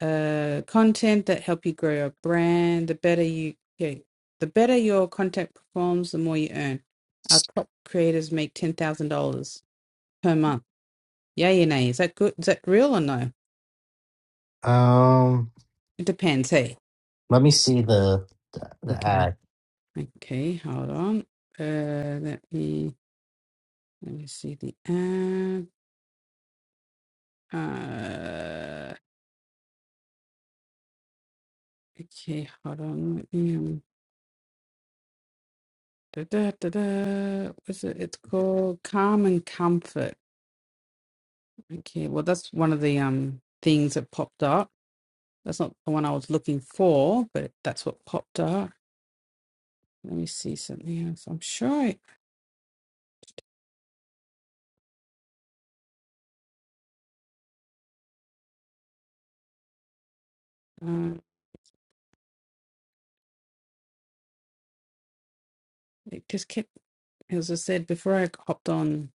S1: uh, content that help you grow your brand. The better you okay, the better your content performs, the more you earn. Our top creators make ten thousand dollars per month. Yay or nay? Is that good? Is that real or no?
S3: Um,
S1: It depends. Hey.
S3: let me see the the, the
S1: okay.
S3: ad.
S1: Okay, hold on. Uh, let me let me see the ad. Uh, okay, hold on. Let me um. Da da da da. What's it? It's called Calm and Comfort. Okay, well that's one of the um things that popped up. That's not the one I was looking for, but that's what popped up. Let me see something else. I'm sure it. Uh, it just kept as I said before I hopped on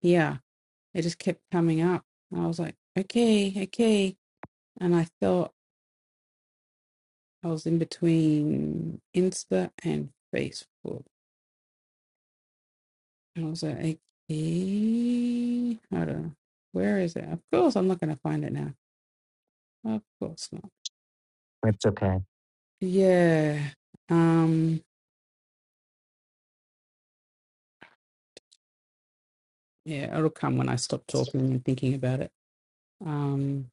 S1: here. It just kept coming up. And I was like, okay, okay. And I thought I was in between Insta and Facebook. And I was like, okay, hold on. Where is it? Of course, I'm not going to find it now. Of course not.
S3: It's okay.
S1: Yeah. Um, yeah, it'll come when I stop talking and thinking about it. Um,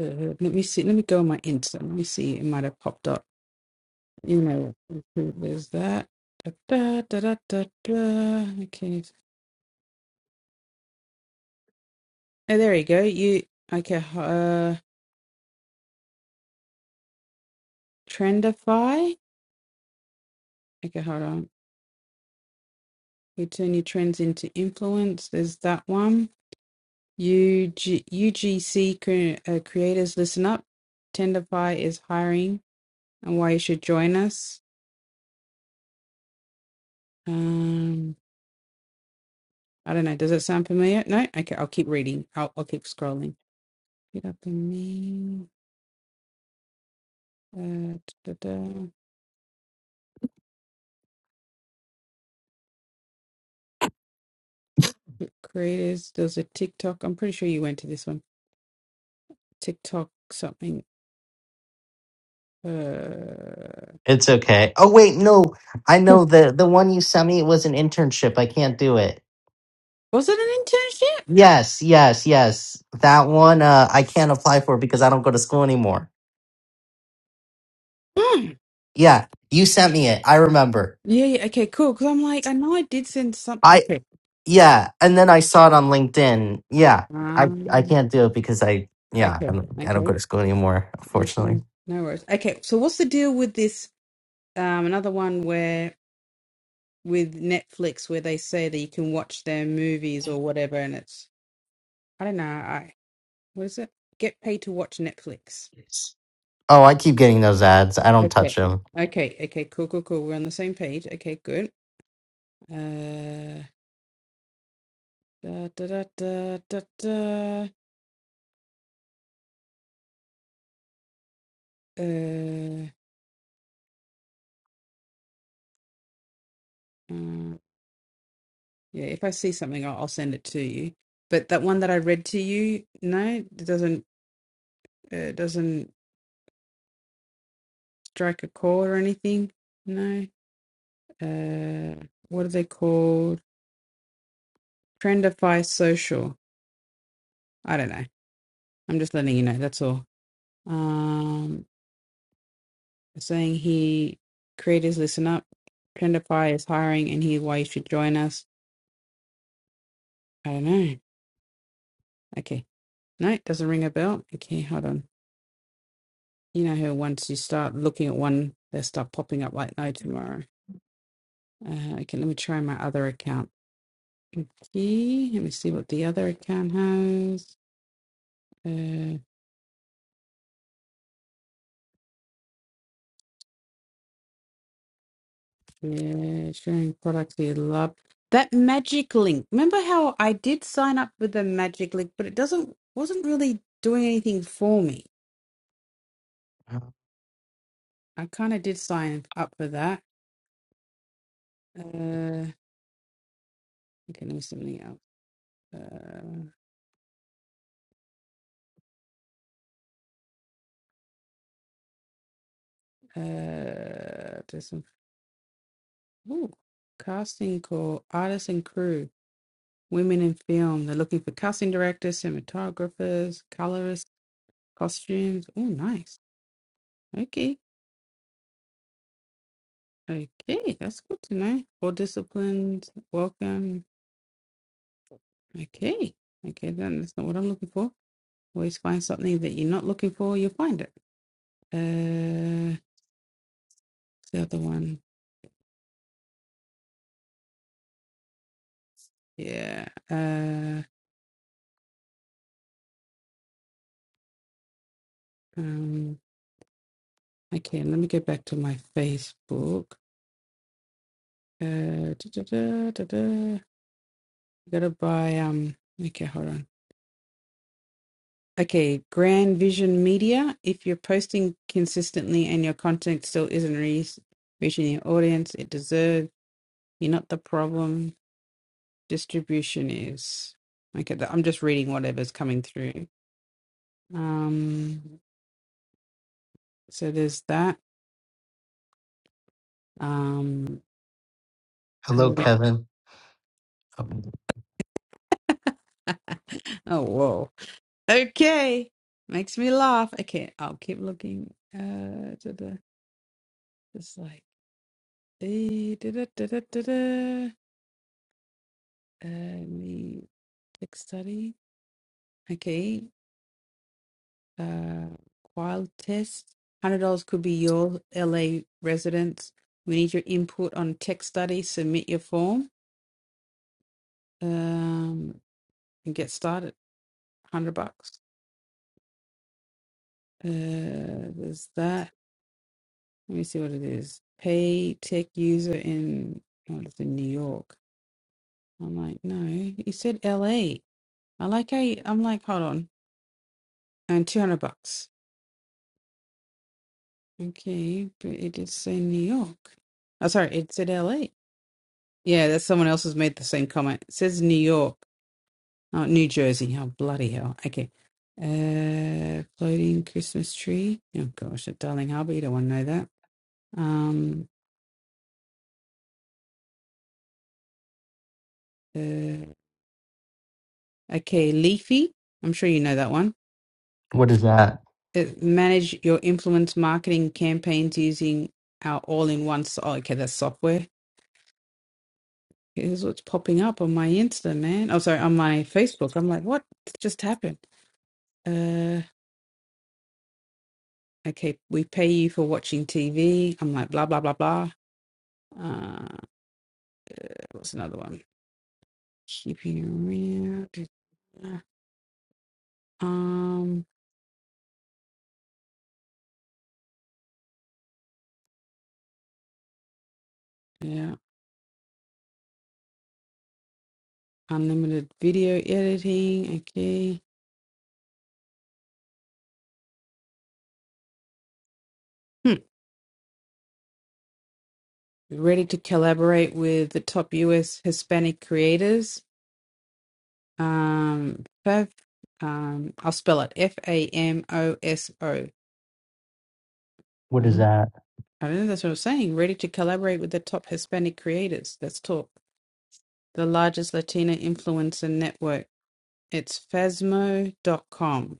S1: uh, let me see. Let me go on my Insta. Let me see. It might have popped up. You know, there's that. Da, da, da, da, da, da. Okay, so Oh, there you go. You okay? Uh, Trendify. Okay, hold on. You turn your trends into influence. There's that one. UG, UGC cre- uh, creators, listen up. Trendify is hiring, and why you should join us. Um, I don't know. Does it sound familiar? No. Okay, I'll keep reading. I'll I'll keep scrolling. Get up in me. Uh, da, da, da. Creators. There's a TikTok. I'm pretty sure you went to this one. TikTok something. uh,
S3: It's okay. Oh wait, no, I know the the one you sent me. was an internship. I can't do it.
S1: Was it an internship?
S3: Yes, yes, yes. That one uh, I can't apply for because I don't go to school anymore.
S1: Mm.
S3: Yeah, you sent me it. I remember.
S1: Yeah, yeah. Okay, cool. Because I'm like, I know I did send something.
S3: I
S1: Okay.
S3: yeah, and then I saw it on LinkedIn. Yeah, I I
S1: Um,
S3: can't do it because I yeah I
S1: okay.
S3: don't, I don't go
S1: Okay.
S3: to school anymore. Unfortunately.
S1: Okay. No worries. Okay. So what's the deal with this? Um, another one where with Netflix where they say that you can watch their movies or whatever, and it's I don't know. I what is it? Get paid to watch Netflix.
S3: Yes. Oh, I keep getting those ads. I don't
S1: Okay.
S3: touch them.
S1: Okay. Okay. Cool. Cool. Cool. We're on the same page. Okay. Good. Uh. Da da da da da da. Uh. Yeah, if I see something, I'll, I'll send it to you. But that one that I read to you, no, it doesn't uh, doesn't strike a chord or anything. No. Uh, what are they called? Trendify Social. I don't know. I'm just letting you know. That's all. Um, saying he creators listen up. Trendify is hiring, and here's why you should join us. I don't know. Okay. No, it doesn't ring a bell. Okay, hold on. You know how once you start looking at one, they start popping up like no tomorrow. Uh, okay, let me try my other account. Okay, let me see what the other account has. Uh, yeah, sharing products you love. That magic link. Remember how I did sign up with the magic link, but it doesn't wasn't really doing anything for me. I kind of did sign up for that. Uh, okay, let me see something else. Uh, uh, there's some ooh, casting call, artists and crew. Women in film. They're looking for casting directors, cinematographers, colorists, costumes. Oh, nice. Okay. Okay. That's good to know. All disciplines. Welcome. Okay. Okay. Then that's not what I'm looking for. Always find something that you're not looking for, you'll find it. Uh, what's the other one. Yeah. Uh, um, okay. Let me go back to my Facebook. Uh, da, da, da, da, da. Gotta buy, um, okay, hold on. Okay, Grand Vision Media. If you're posting consistently and your content still isn't re- reaching your audience, it deserves. You're not the problem. Distribution is. Okay, th- I'm just reading whatever's coming through. Um, so there's that. Um,
S3: Hello,
S1: uh,
S3: Kevin. Um,
S1: oh whoa. Okay, makes me laugh. Okay, I'll keep looking. Uh, da, da, just like eh, da, da, da, da, da, da. Uh, me text study. Okay. Uh, Qualtis, $100 could be your LA residence. We need your input on tech study. Submit your form um, and get started. 100 bucks. Uh, there's that. Let me see what it is. Pay tech user in, oh, it's in New York. I'm like, no, you said LA. I like how you, I'm like, hold on. And 200 bucks. Okay, but it did say New York. Oh, sorry, it said LA. Yeah, that's someone else has made the same comment. It says New York, not New Jersey. Oh, bloody hell. Okay. Uh, floating Christmas tree. Oh, gosh, at Darling Harbour. You don't want to know that. Um, uh, okay, Leafy. I'm sure you know that one.
S3: What is that?
S1: It, manage your influence marketing campaigns using our all in one. So- oh, okay, that's software. Here's what's popping up on my Insta, man. Oh, sorry, on my Facebook. I'm like, what just happened? Uh, okay, we pay you for watching TV. I'm like, blah, blah, blah, blah. Uh, what's another one? Keeping it real. Um, yeah, unlimited video editing. Okay. Hmm. Ready to collaborate with the top US Hispanic creators. Um, Fav, um, I'll spell it F A M O S O.
S3: What is
S1: Um,
S3: that?
S1: I don't know, that's what I was saying. Ready to collaborate with the top Hispanic creators. Let's talk. The largest Latina influencer network It's phasmo dot com,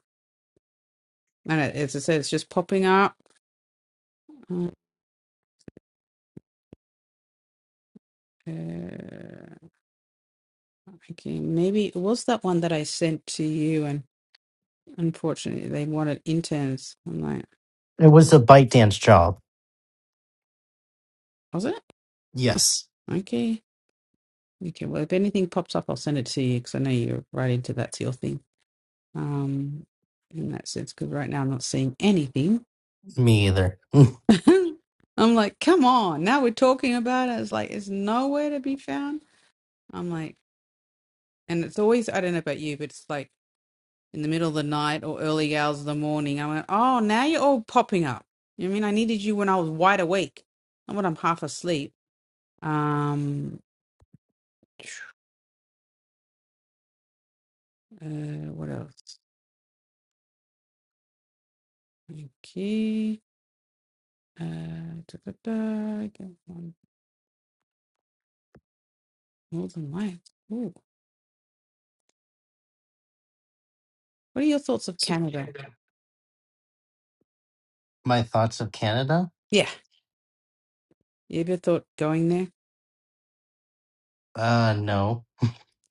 S1: And it, as I said, it's just popping up. Uh, okay, maybe it was that one that I sent to you, and unfortunately, they wanted interns. I'm like,
S3: It was a bite dance job.
S1: was it? *laughs*
S3: Yes,
S1: Okay. Okay. Well, if anything pops up, I'll send it to you because I know you're right into that's your thing. Um, in that sense, because right now I'm not seeing anything.
S3: me either.
S1: *laughs* I'm like, come on. Now we're talking about it. It's like it's nowhere to be found. I'm like, and it's always I don't know about you, but it's like in the middle of the night or early hours of the morning. I went, oh, now you're all popping up. You know what I mean, I needed you when I was wide awake, not when I'm half asleep. Um, uh, what else? Okay. Uh, da, da, da, get one Northern Lights. Ooh. What are your thoughts of
S3: So
S1: Canada?
S3: Canada. My thoughts of Canada?
S1: Yeah. You ever thought going there?
S3: Uh, no.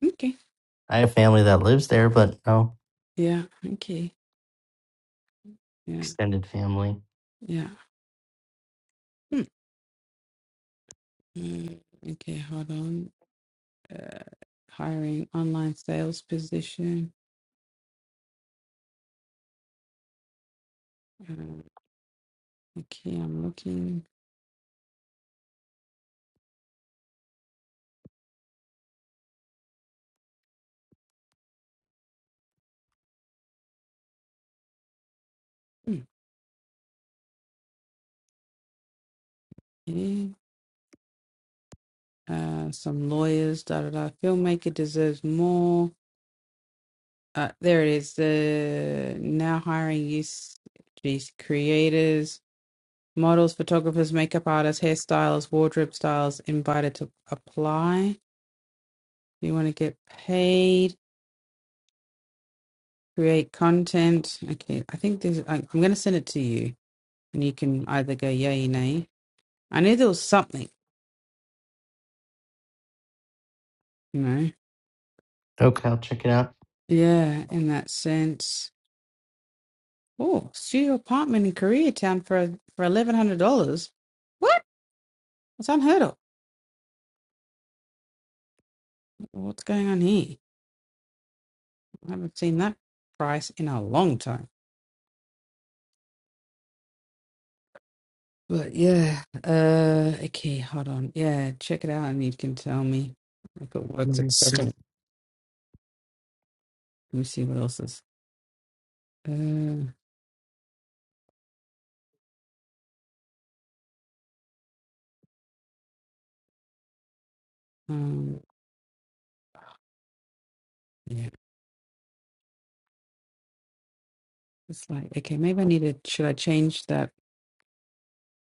S1: Okay.
S3: I have family that lives there, but no
S1: Yeah. Okay. Yeah.
S3: extended family.
S1: Yeah. Hmm. Mm, okay. Hold on. Uh, hiring online sales position. Uh, Okay, I'm looking. hmm, Okay. Uh, some lawyers, da da da. Filmmaker deserves more. Uh, there it is. The now hiring use these creators, models, photographers, makeup artists, hairstylists, wardrobe styles invited to apply. You want to get paid, create content. Okay, I think this. I, I'm going to send it to you, and you can either go yay, nay. I knew there was something, you know.
S3: Okay, I'll check it out.
S1: Yeah, in that sense. Oh, studio apartment in Koreatown for for eleven hundred dollars. What? That's unheard of. What's going on here? I haven't seen that price in a long time. But yeah, uh, okay, hold on. Yeah, check it out, and you can tell me if it works.
S3: Let
S1: If
S3: me
S1: it
S3: see.
S1: doesn't, let me see what else is. Uh, um, yeah, it's like okay, maybe I need to. Should I change that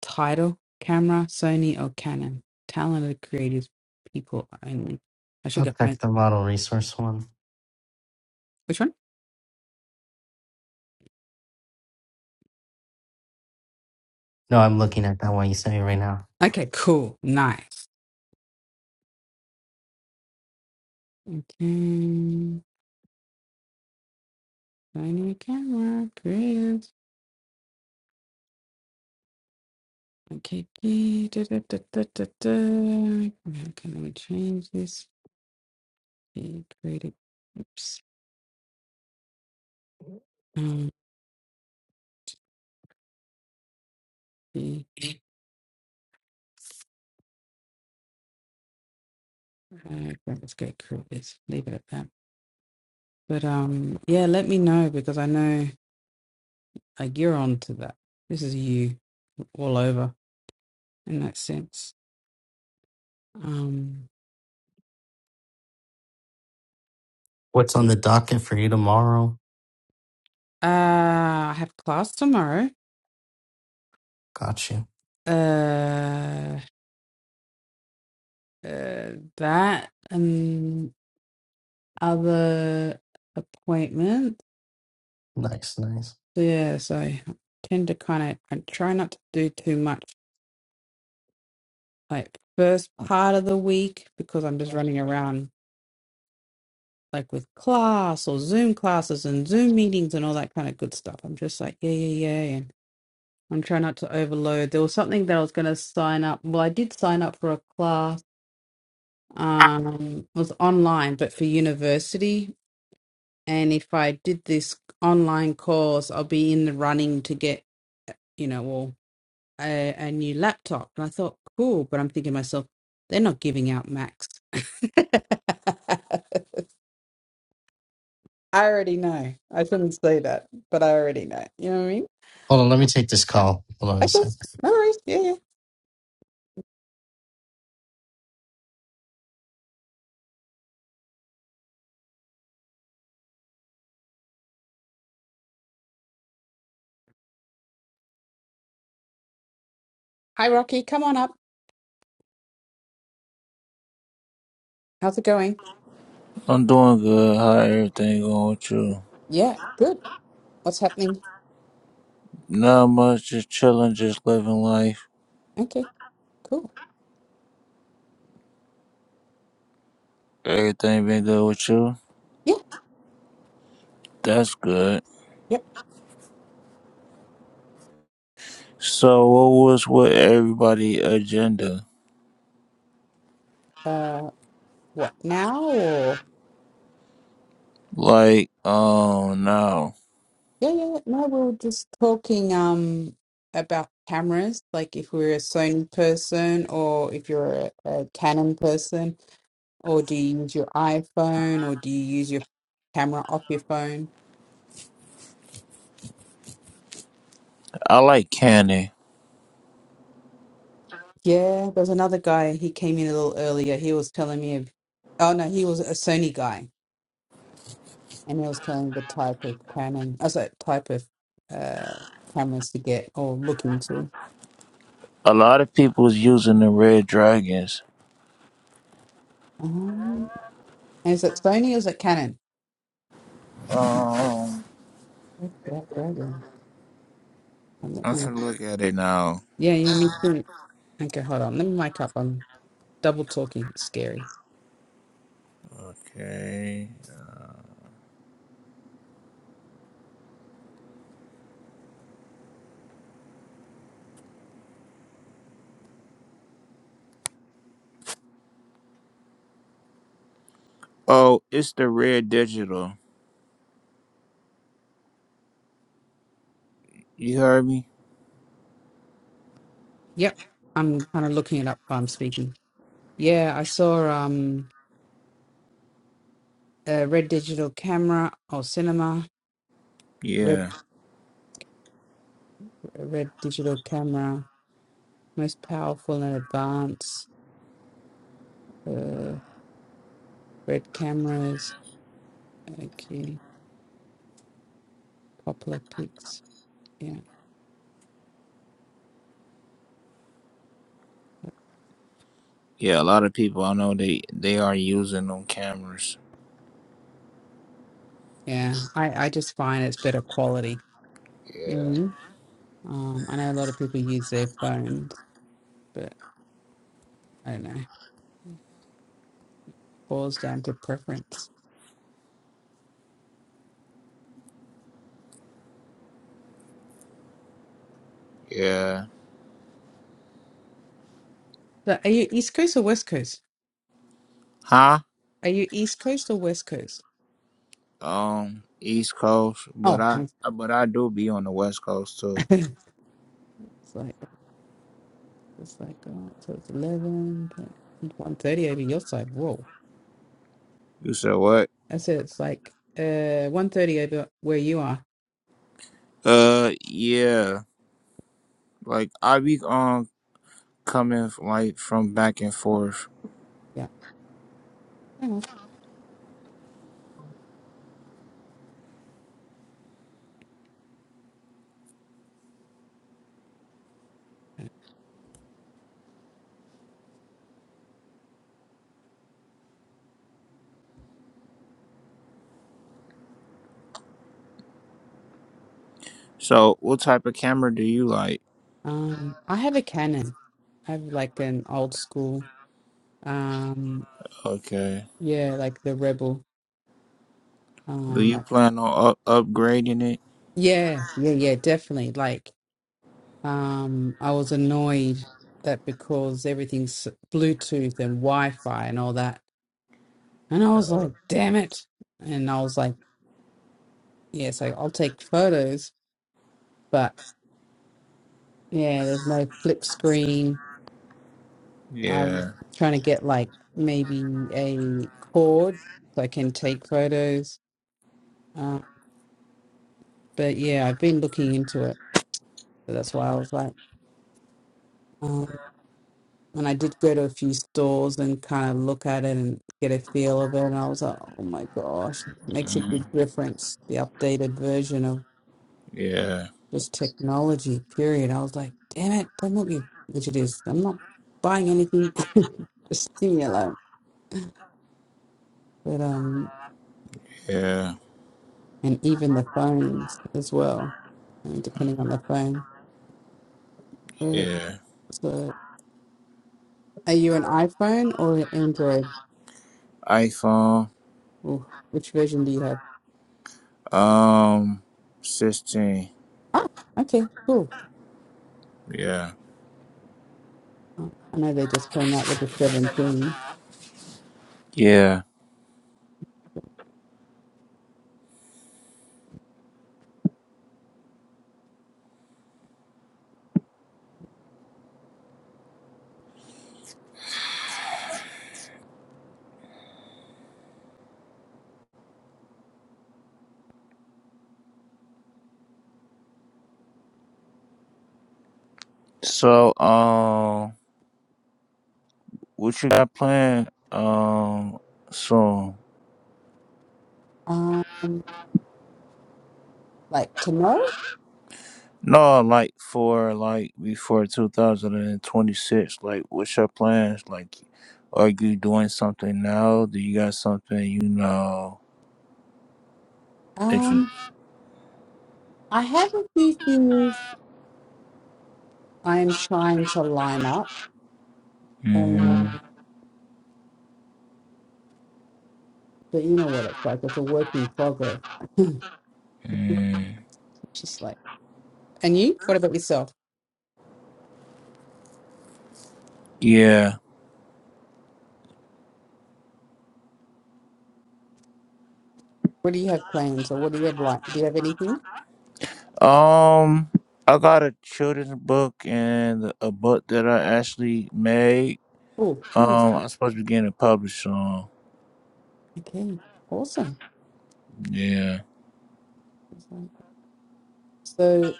S1: title? Camera, Sony, or Canon? Talented creative people only. I should
S3: I'll
S1: go.
S3: check the model resource one.
S1: Which one?
S3: No, I'm looking at that one you sent me right now.
S1: Okay, cool. Nice. Okay. Finding a camera. Creative. Okay. key, Da, da, da, da, da, da. Okay, let me change this. Okay, creative. Oops. Um, the, uh, graphics great creators. Leave it at that. But um, yeah, let me know because I know like you're on to that. This is you all over in that sense. Um,
S3: What's on the docket for you tomorrow?
S1: uh, I have class tomorrow.
S3: Got you.
S1: Uh, Uh, that and other appointments.
S3: Nice, nice.
S1: So, Yeah, so I tend to kind of I try not to do too much like first part of the week because I'm just running around like with class or Zoom classes and Zoom meetings and all that kind of good stuff. I'm just like, yeah, yeah, yeah. And I'm trying not to overload. There was something that I was going to sign up. Well, I did sign up for a class. Um, it was online, but for university and if I did this online course, I'll be in the running to get, you know, well, a, a new laptop. And I thought, cool, but I'm thinking to myself, they're not giving out Macs. *laughs* I already know. I shouldn't say that, but I already know. You know what I mean?
S3: Hold on, let me take this call. Hold on a
S1: Okay,
S3: sec.
S1: no worries. Yeah, yeah. Hi, Rocky. Come on up. How's it going?
S4: I'm doing good. How everything going with you?
S1: Yeah, good. What's happening?
S4: Not much, just chilling, just living life.
S1: Okay, cool.
S4: Everything been good with you?
S1: Yeah,
S4: That's good.
S1: yep.
S4: So what was with everybody agenda?
S1: Uh, what now? Or
S4: Like, oh no.
S1: yeah, yeah. yeah. No, we were just talking um about cameras, like if we're a Sony person or if you're a, a Canon person. Or do you use your iPhone or do you use your camera off your phone?
S4: I like candy.
S1: Yeah, there's another guy. He came in a little earlier. He was telling me, of, oh no, he was a Sony guy, and he was telling me the type of Canon, oh, sorry, type of uh, cameras to get or look into.
S4: A lot of people's using the red dragons.
S1: Um, is it Sony or is it Canon?
S4: Um
S1: Red Dra- Dragon. Um, let
S4: I
S1: me-
S4: should look at it now.
S1: Yeah, yeah, me too. Okay, hold on. Let me mic up. I'm double talking. It's scary.
S4: Okay. Oh, it's the red digital. You heard me?
S1: Yep, I'm kind of looking it up while I'm speaking. Yeah, I saw. Um, uh, red digital camera or cinema red
S4: Yeah.
S1: red digital camera most powerful and advanced uh, red cameras okay popular pics yeah
S4: Yeah, a lot of people I know they they are using them cameras.
S1: yeah i i just find it's better quality hmm um i know a lot of people use their phones but i don't know boils down to preference
S4: Yeah.
S1: so are you east coast or west coast
S4: Huh?
S1: are you east coast or west coast
S4: Um, East Coast, but
S1: oh
S4: I but I do be on the West Coast too.
S1: *laughs* it's like It's like, oh, so it's 11, then 1.30 over your side. Whoa.
S4: You said what?
S1: I said it's like uh one thirty over where you are.
S4: Uh, yeah. Like I be um coming f- like from back and forth.
S1: Yeah. Hang on.
S4: So, what type of camera do you like?
S1: Um, I have a Canon. I have like an old school. Um,
S4: Okay.
S1: yeah, like the Rebel.
S4: Do
S1: Um,
S4: you
S1: like
S4: plan on up- upgrading it?
S1: yeah, yeah, yeah, definitely. Like, um, I was annoyed that because everything's Bluetooth and Wi-Fi and all that, and I was like, damn it, and I was like, yeah, so I'll take photos, Yeah, there's no flip screen. I'm
S4: Yeah.
S1: trying to get like maybe a cord so I can take photos. Uh, but yeah, I've been looking into it. So that's why I was like, um, and I did go to a few stores and kind of look at it and get a feel of it. And I was like, oh my gosh, it makes a
S4: Mm.
S1: big difference. The updated version of
S4: Yeah.
S1: just technology, period. I was like, damn it, damn what you, which it is. I'm not buying anything. *laughs* just leave me alone. But um,
S4: Yeah.
S1: and even the phones as well, uh, depending on the phone. Uh,
S4: Yeah.
S1: So, are you an iPhone or an Android?
S4: iPhone.
S1: Ooh, which version do you have?
S4: Um, sixteen.
S1: Ah, okay, cool.
S4: Yeah.
S1: Uh, I know they just came out with the 17.
S4: Yeah. So, um. what you got planned um So
S1: Um, like to know?
S4: No, like for like before 2026, like what's your plans? Like are you doing something now? Do you got something you know that you
S1: Um, I have a few things I'm trying to line up, um,
S4: mm,
S1: but you know what it's like. It's a work in progress. *clears throat* *laughs*
S4: mm,
S1: Just like, and you? What about yourself?
S4: Yeah.
S1: What do you have plans, or what do you have like? Do you have anything?
S4: Um I got a children's book and a book that I actually made.
S1: Oh, nice.
S4: Um I'm supposed to be getting it published soon.
S1: Okay, awesome.
S4: Yeah.
S1: So,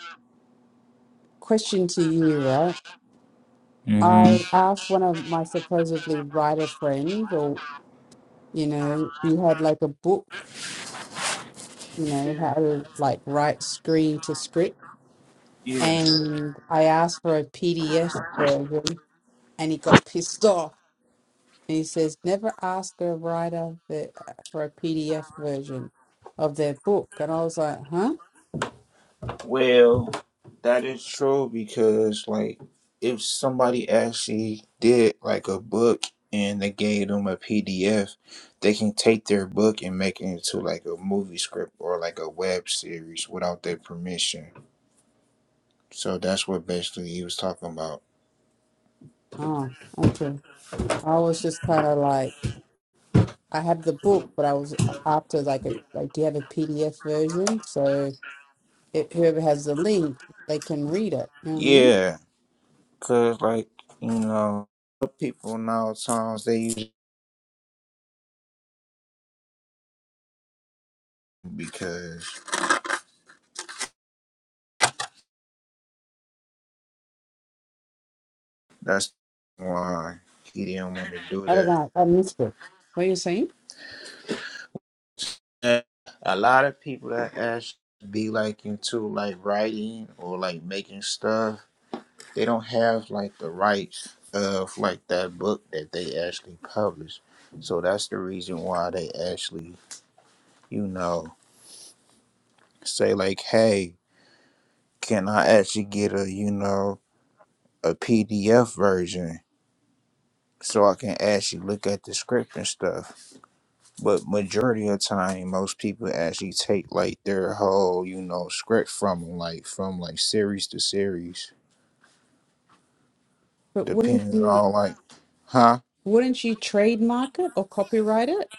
S1: question to you, right?
S4: hmm
S1: I asked one of my supposedly writer friends, or you know, you had like a book, you know, how to like write screen to script.
S4: Yeah.
S1: and I asked for a PDF version, and he got *laughs* pissed off. And he says, "Never ask a writer the, uh, for a PDF version of their book." And I was like, "Huh?
S4: Well, that is true because like if somebody actually did like a book and they gave them a PDF, they can take their book and make it into like a movie script or like a web series without their permission. So that's what basically he was talking about.
S1: Oh, okay." I was just kind of like, "I have the book, but I was uh, after like a like, do you have a PDF version?" So it, whoever has the link, they can read it. You know what I mean?
S4: Yeah, cause like you know people nowadays they use it because That's why he didn't want to do
S1: I don't
S4: that.
S1: know. I missed it. What are you saying?
S4: And a lot of people that actually be like into like writing or like making stuff, they don't have like the rights of like that book that they actually publish. So that's the reason why they actually, you know, say like, hey, can I actually get a, you know, a PDF version so I can actually look at the script and stuff But majority of time, most people actually take like their whole, you know, script from 'em, like from like series to series.
S1: But wouldn't
S4: Depends
S1: you
S4: on like, huh?
S1: wouldn't you trademark it or copyright it?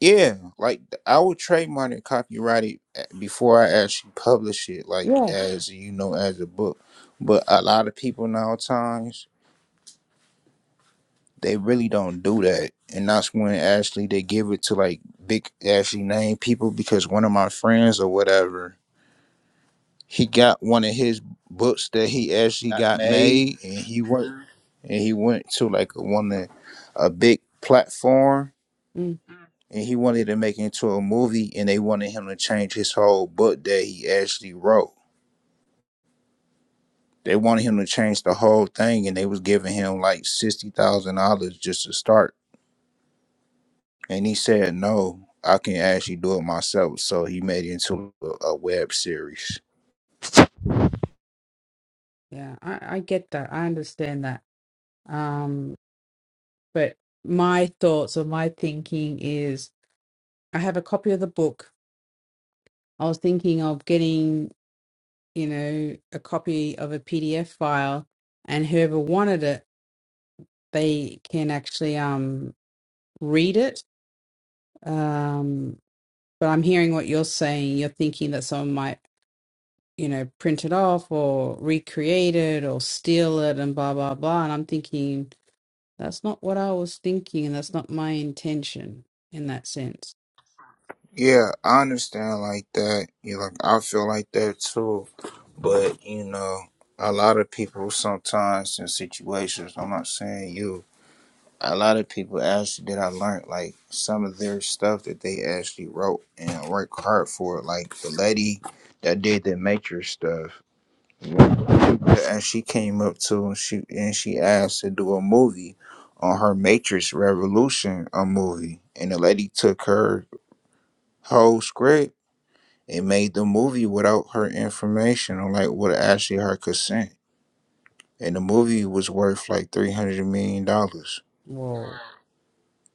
S4: Yeah, like I would trademark and copyright it a- before I actually publish it, like
S1: Yeah.
S4: as you know, as a book. But a lot of people nowadays they really don't do that, and that's when actually they give it to like big actually name people because one of my friends or whatever he got one of his books that he actually
S5: got
S4: got
S5: made.
S4: made and he went Mhm. and he went to like a one of- a big platform and he wanted to make it into a movie and they wanted him to change his whole book that he actually wrote. They wanted him to change the whole thing and they was giving him like sixty thousand dollars just to start. And he said no, I can actually do it myself. So he made it into a, a web series.
S1: Yeah, I, I get that. I understand that. Um, but my thoughts or my thinking is I have a copy of the book. I was thinking of getting, you know, a copy of a PDF file and whoever wanted it, they can actually um read it. Um, but I'm hearing what you're saying. You're thinking that someone might, you know, print it off or recreate it or steal it and blah blah blah. And I'm thinking That's not what I was thinking, and that's not my intention in that sense.
S4: Yeah, I understand like that. You know, like I feel like that too But you know, a lot of people sometimes in situations, I'm not saying you, a lot of people actually that I learned like some of their stuff that they actually wrote and worked hard for. Like the lady that did the Matrix stuff, and she came up to and she and she asked to do a movie on her Matrix Revolution, a movie, and the lady took her whole script and made the movie without her information or like with actually her consent and the movie was worth like three hundred million dollars.
S1: Whoa.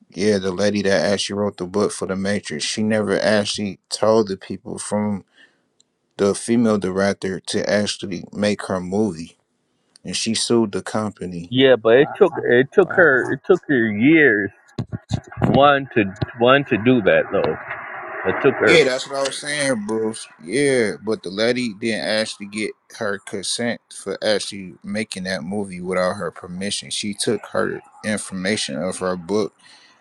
S4: Yeah, the lady that actually wrote the book for the Matrix, she never actually told the people from the female director to actually make her movie, and she sued the company.
S5: Yeah, but it took it took her it
S1: Wow.
S5: took her years one to one to do that though. It took her.
S4: Yeah, that's what I was saying, Bruce. Yeah, but the lady didn't actually get her consent for actually making that movie without her permission. She took her information of her book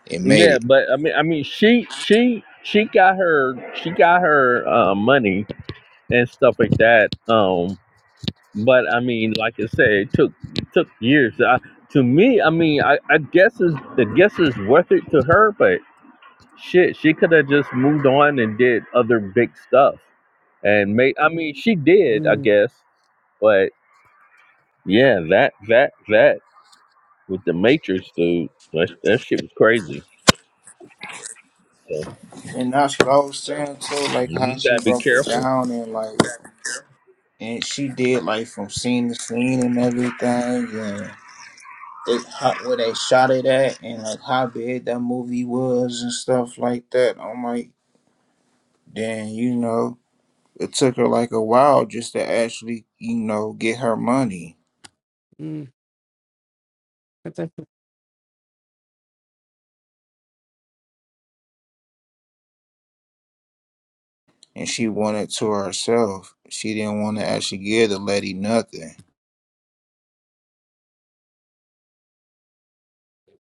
S4: and made
S5: Yeah,
S4: it.
S5: but I mean I mean she she she got her she got her uh, money and stuff like that. Um, but I mean like I said, it took it took years. I, to me, I mean I I guess is the guess is worth it to her, but shit, she could have just moved on and did other big stuff and made. I mean she did I
S1: Mm,
S5: guess, but. Yeah, that that that with the Matrix, dude. That that shit was crazy. So
S4: And that's what I was saying too, like
S5: you
S4: how
S5: just
S4: she
S5: gotta be
S4: broke it
S5: careful.
S4: down and like and she did like from scene to scene and everything, and they how, where they shot it at, and like how big that movie was and stuff like that. I'm like, then you know, it took her like a while just to actually you know get her money,
S1: mm. But that's,
S4: and she wanted to herself. She didn't want to actually give the lady nothing.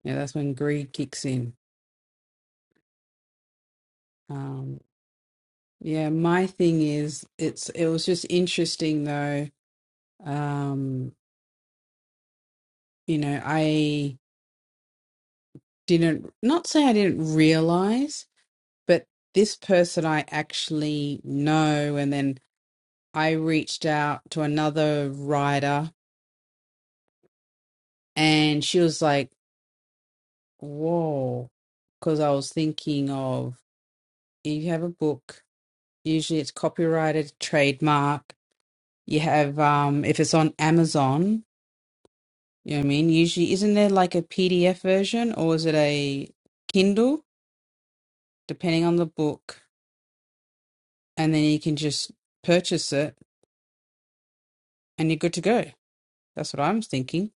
S1: yeah, that's when greed kicks in. Um, yeah, my thing is it's it was just interesting though. Um, you know, I didn't not say I didn't realize, but this person I actually know and then I reached out to another writer and she was like, Whoa, because I was thinking of you have a book, usually it's copyrighted, trademark. You have, um, if it's on Amazon, you know what I mean? Usually, isn't there like a PDF version or is it a Kindle, depending on the book? And then you can just purchase it and you're good to go. That's what I'm thinking.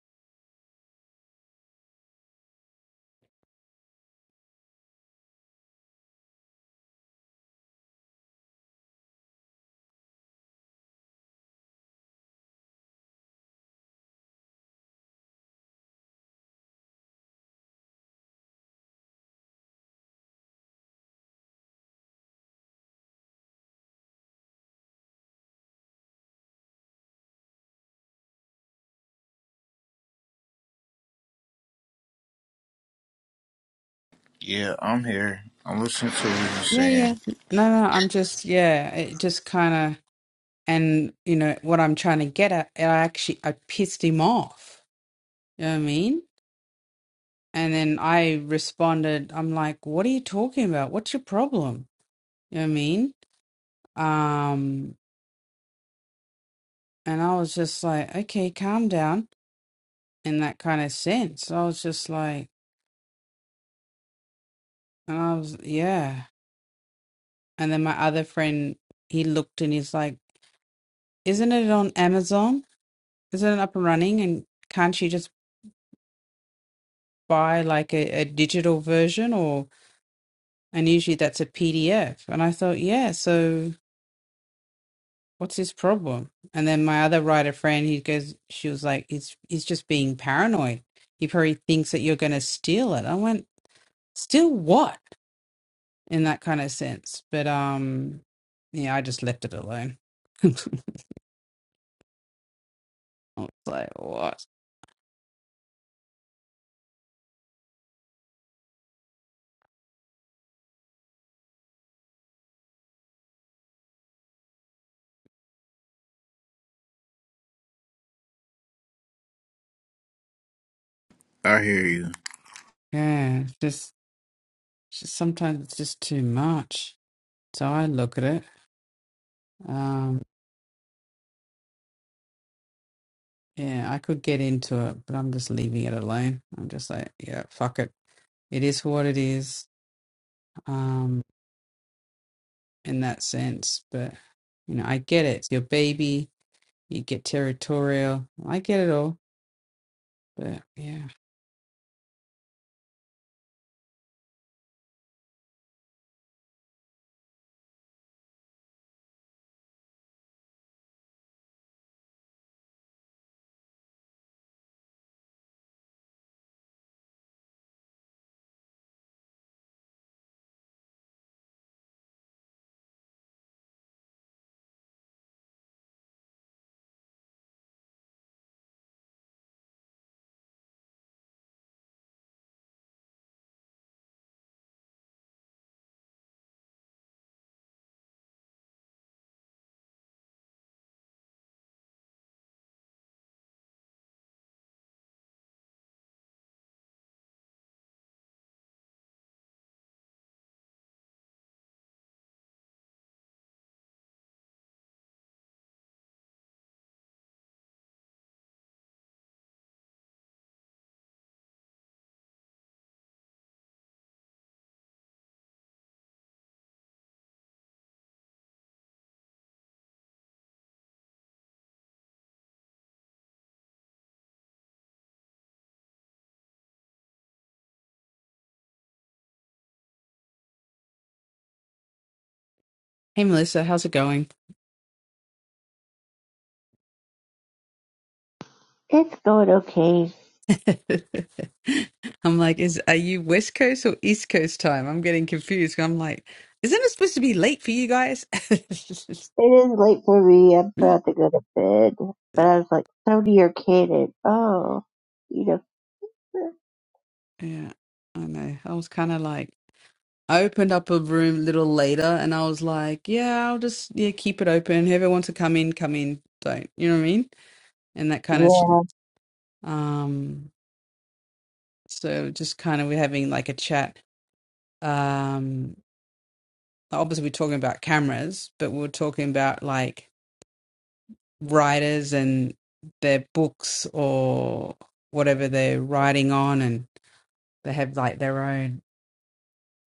S4: Yeah, I'm here. I'm listening to what you're
S1: Yeah, yeah.
S4: saying.
S1: No, no, I'm just, yeah, it just kind of. And you know what I'm trying to get at, I actually I pissed him off. You know what I mean? And then I responded, I'm like, what are you talking about? What's your problem? You know what I mean? Um, and I was just like, okay, calm down in that kind of sense. I was just like, and I was, yeah. And then my other friend, he looked and he's like, isn't it on Amazon? Isn't it up and running? And can't you just buy like a, a digital version or? And usually that's a PDF. And I thought, yeah, so what's his problem? And then my other writer friend, he goes, she was like, he's, he's just being paranoid. He probably thinks that you're going to steal it. I went, steal what? In that kind of sense. But, um, yeah, I just left it alone. *laughs* I was like, what?
S4: I hear you.
S1: Yeah, it's just, just sometimes it's just too much. So I look at it Um, yeah, I could get into it, but I'm just leaving it alone. I'm just like, yeah, fuck it. It is what it is, um, in that sense. But, you know, I get it. It's your baby. You get territorial. I get it all. But yeah. Hey Melissa, how's it going?
S6: It's going okay.
S1: *laughs* I'm like, is are you West Coast or East Coast time? I'm getting confused. I'm like, isn't it supposed to be late for you guys? *laughs*
S6: It is late for me. I'm about to go to bed. But I was like, so do your kid and oh, you know,
S1: Yeah, I know. I was kind of like, I opened up a room a little later and I was like, yeah, I'll just yeah, keep it open. Whoever wants to come in, come in. Don't. You know what I mean? And that kind of
S6: yeah,
S1: shit. um so just kind of we're having like a chat. Um obviously we're talking about cameras, but we we're talking about like writers and their books or whatever they're writing on and they have like their own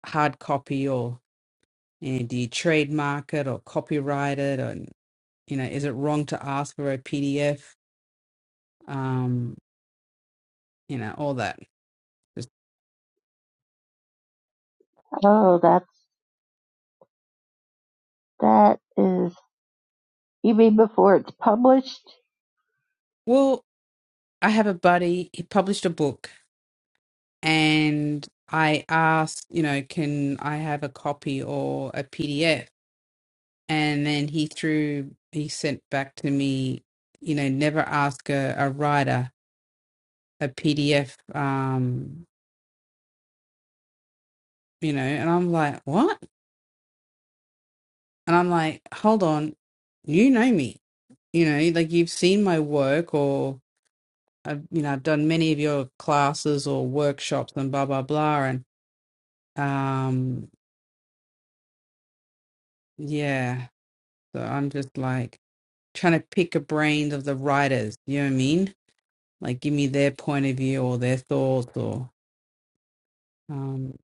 S1: hard copy or you know, do you trademark it or copyright it You know, is it wrong to ask for a PDF? Um, you know, all that. Just,
S6: oh, that's, that is, you mean before it's published?
S1: well, I have a buddy, he published a book and I asked, you know, can I have a copy or a PDF? And then he threw, he sent back to me, you know, never ask a, a writer a PDF, um, you know, and I'm like, what? And I'm like, hold on, you know me, you know, like you've seen my work or I've, you know, I've done many of your classes or workshops and blah, blah, blah. And, um, yeah, so I'm just like trying to pick a brain of the writers, you know what I mean? Like give me their point of view or their thoughts or, um,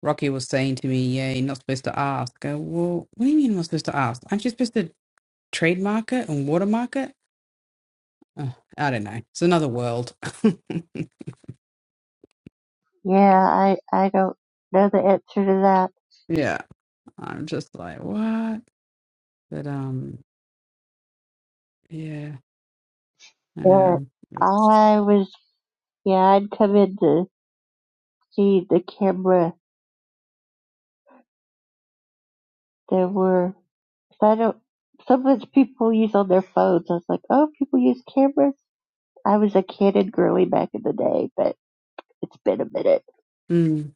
S1: Rocky was saying to me, yeah, you're not supposed to ask. I go, well, what do you mean I'm not supposed to ask? Aren't you supposed to trade market and water market. Uh, I don't know. It's another world.
S6: Yeah, I, I don't know the answer to that.
S1: *laughs* yeah, I'm just like what? But um, yeah,
S6: But
S1: um, it's
S6: I was, yeah, I'd come in to see the camera. There were, cause I don't, so much people use on their phones. I was like, oh, people use cameras. I was a kid and girly back in the day, but. It's been a minute,
S1: mm,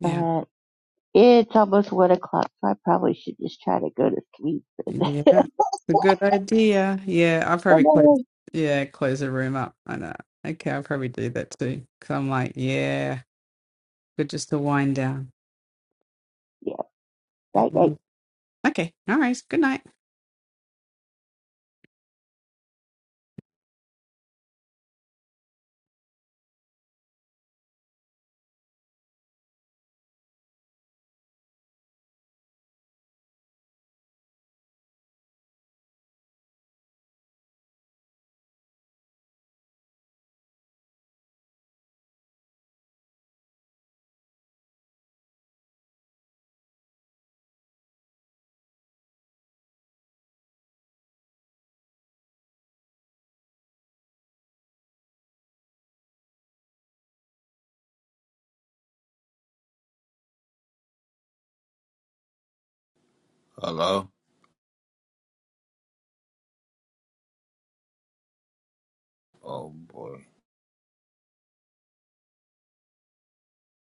S1: yeah,
S6: but it's almost one o'clock, so I probably should just try to go to sleep.
S1: yeah.
S6: *laughs*
S1: It's a good idea. Yeah, I'll probably close. Yeah, close the room up. I know. Okay, I'll probably do that too. Cause I'm like, yeah, good just to wind down.
S6: yeah, night, night.
S1: Okay, all right. Good night.
S4: Hello. Oh boy.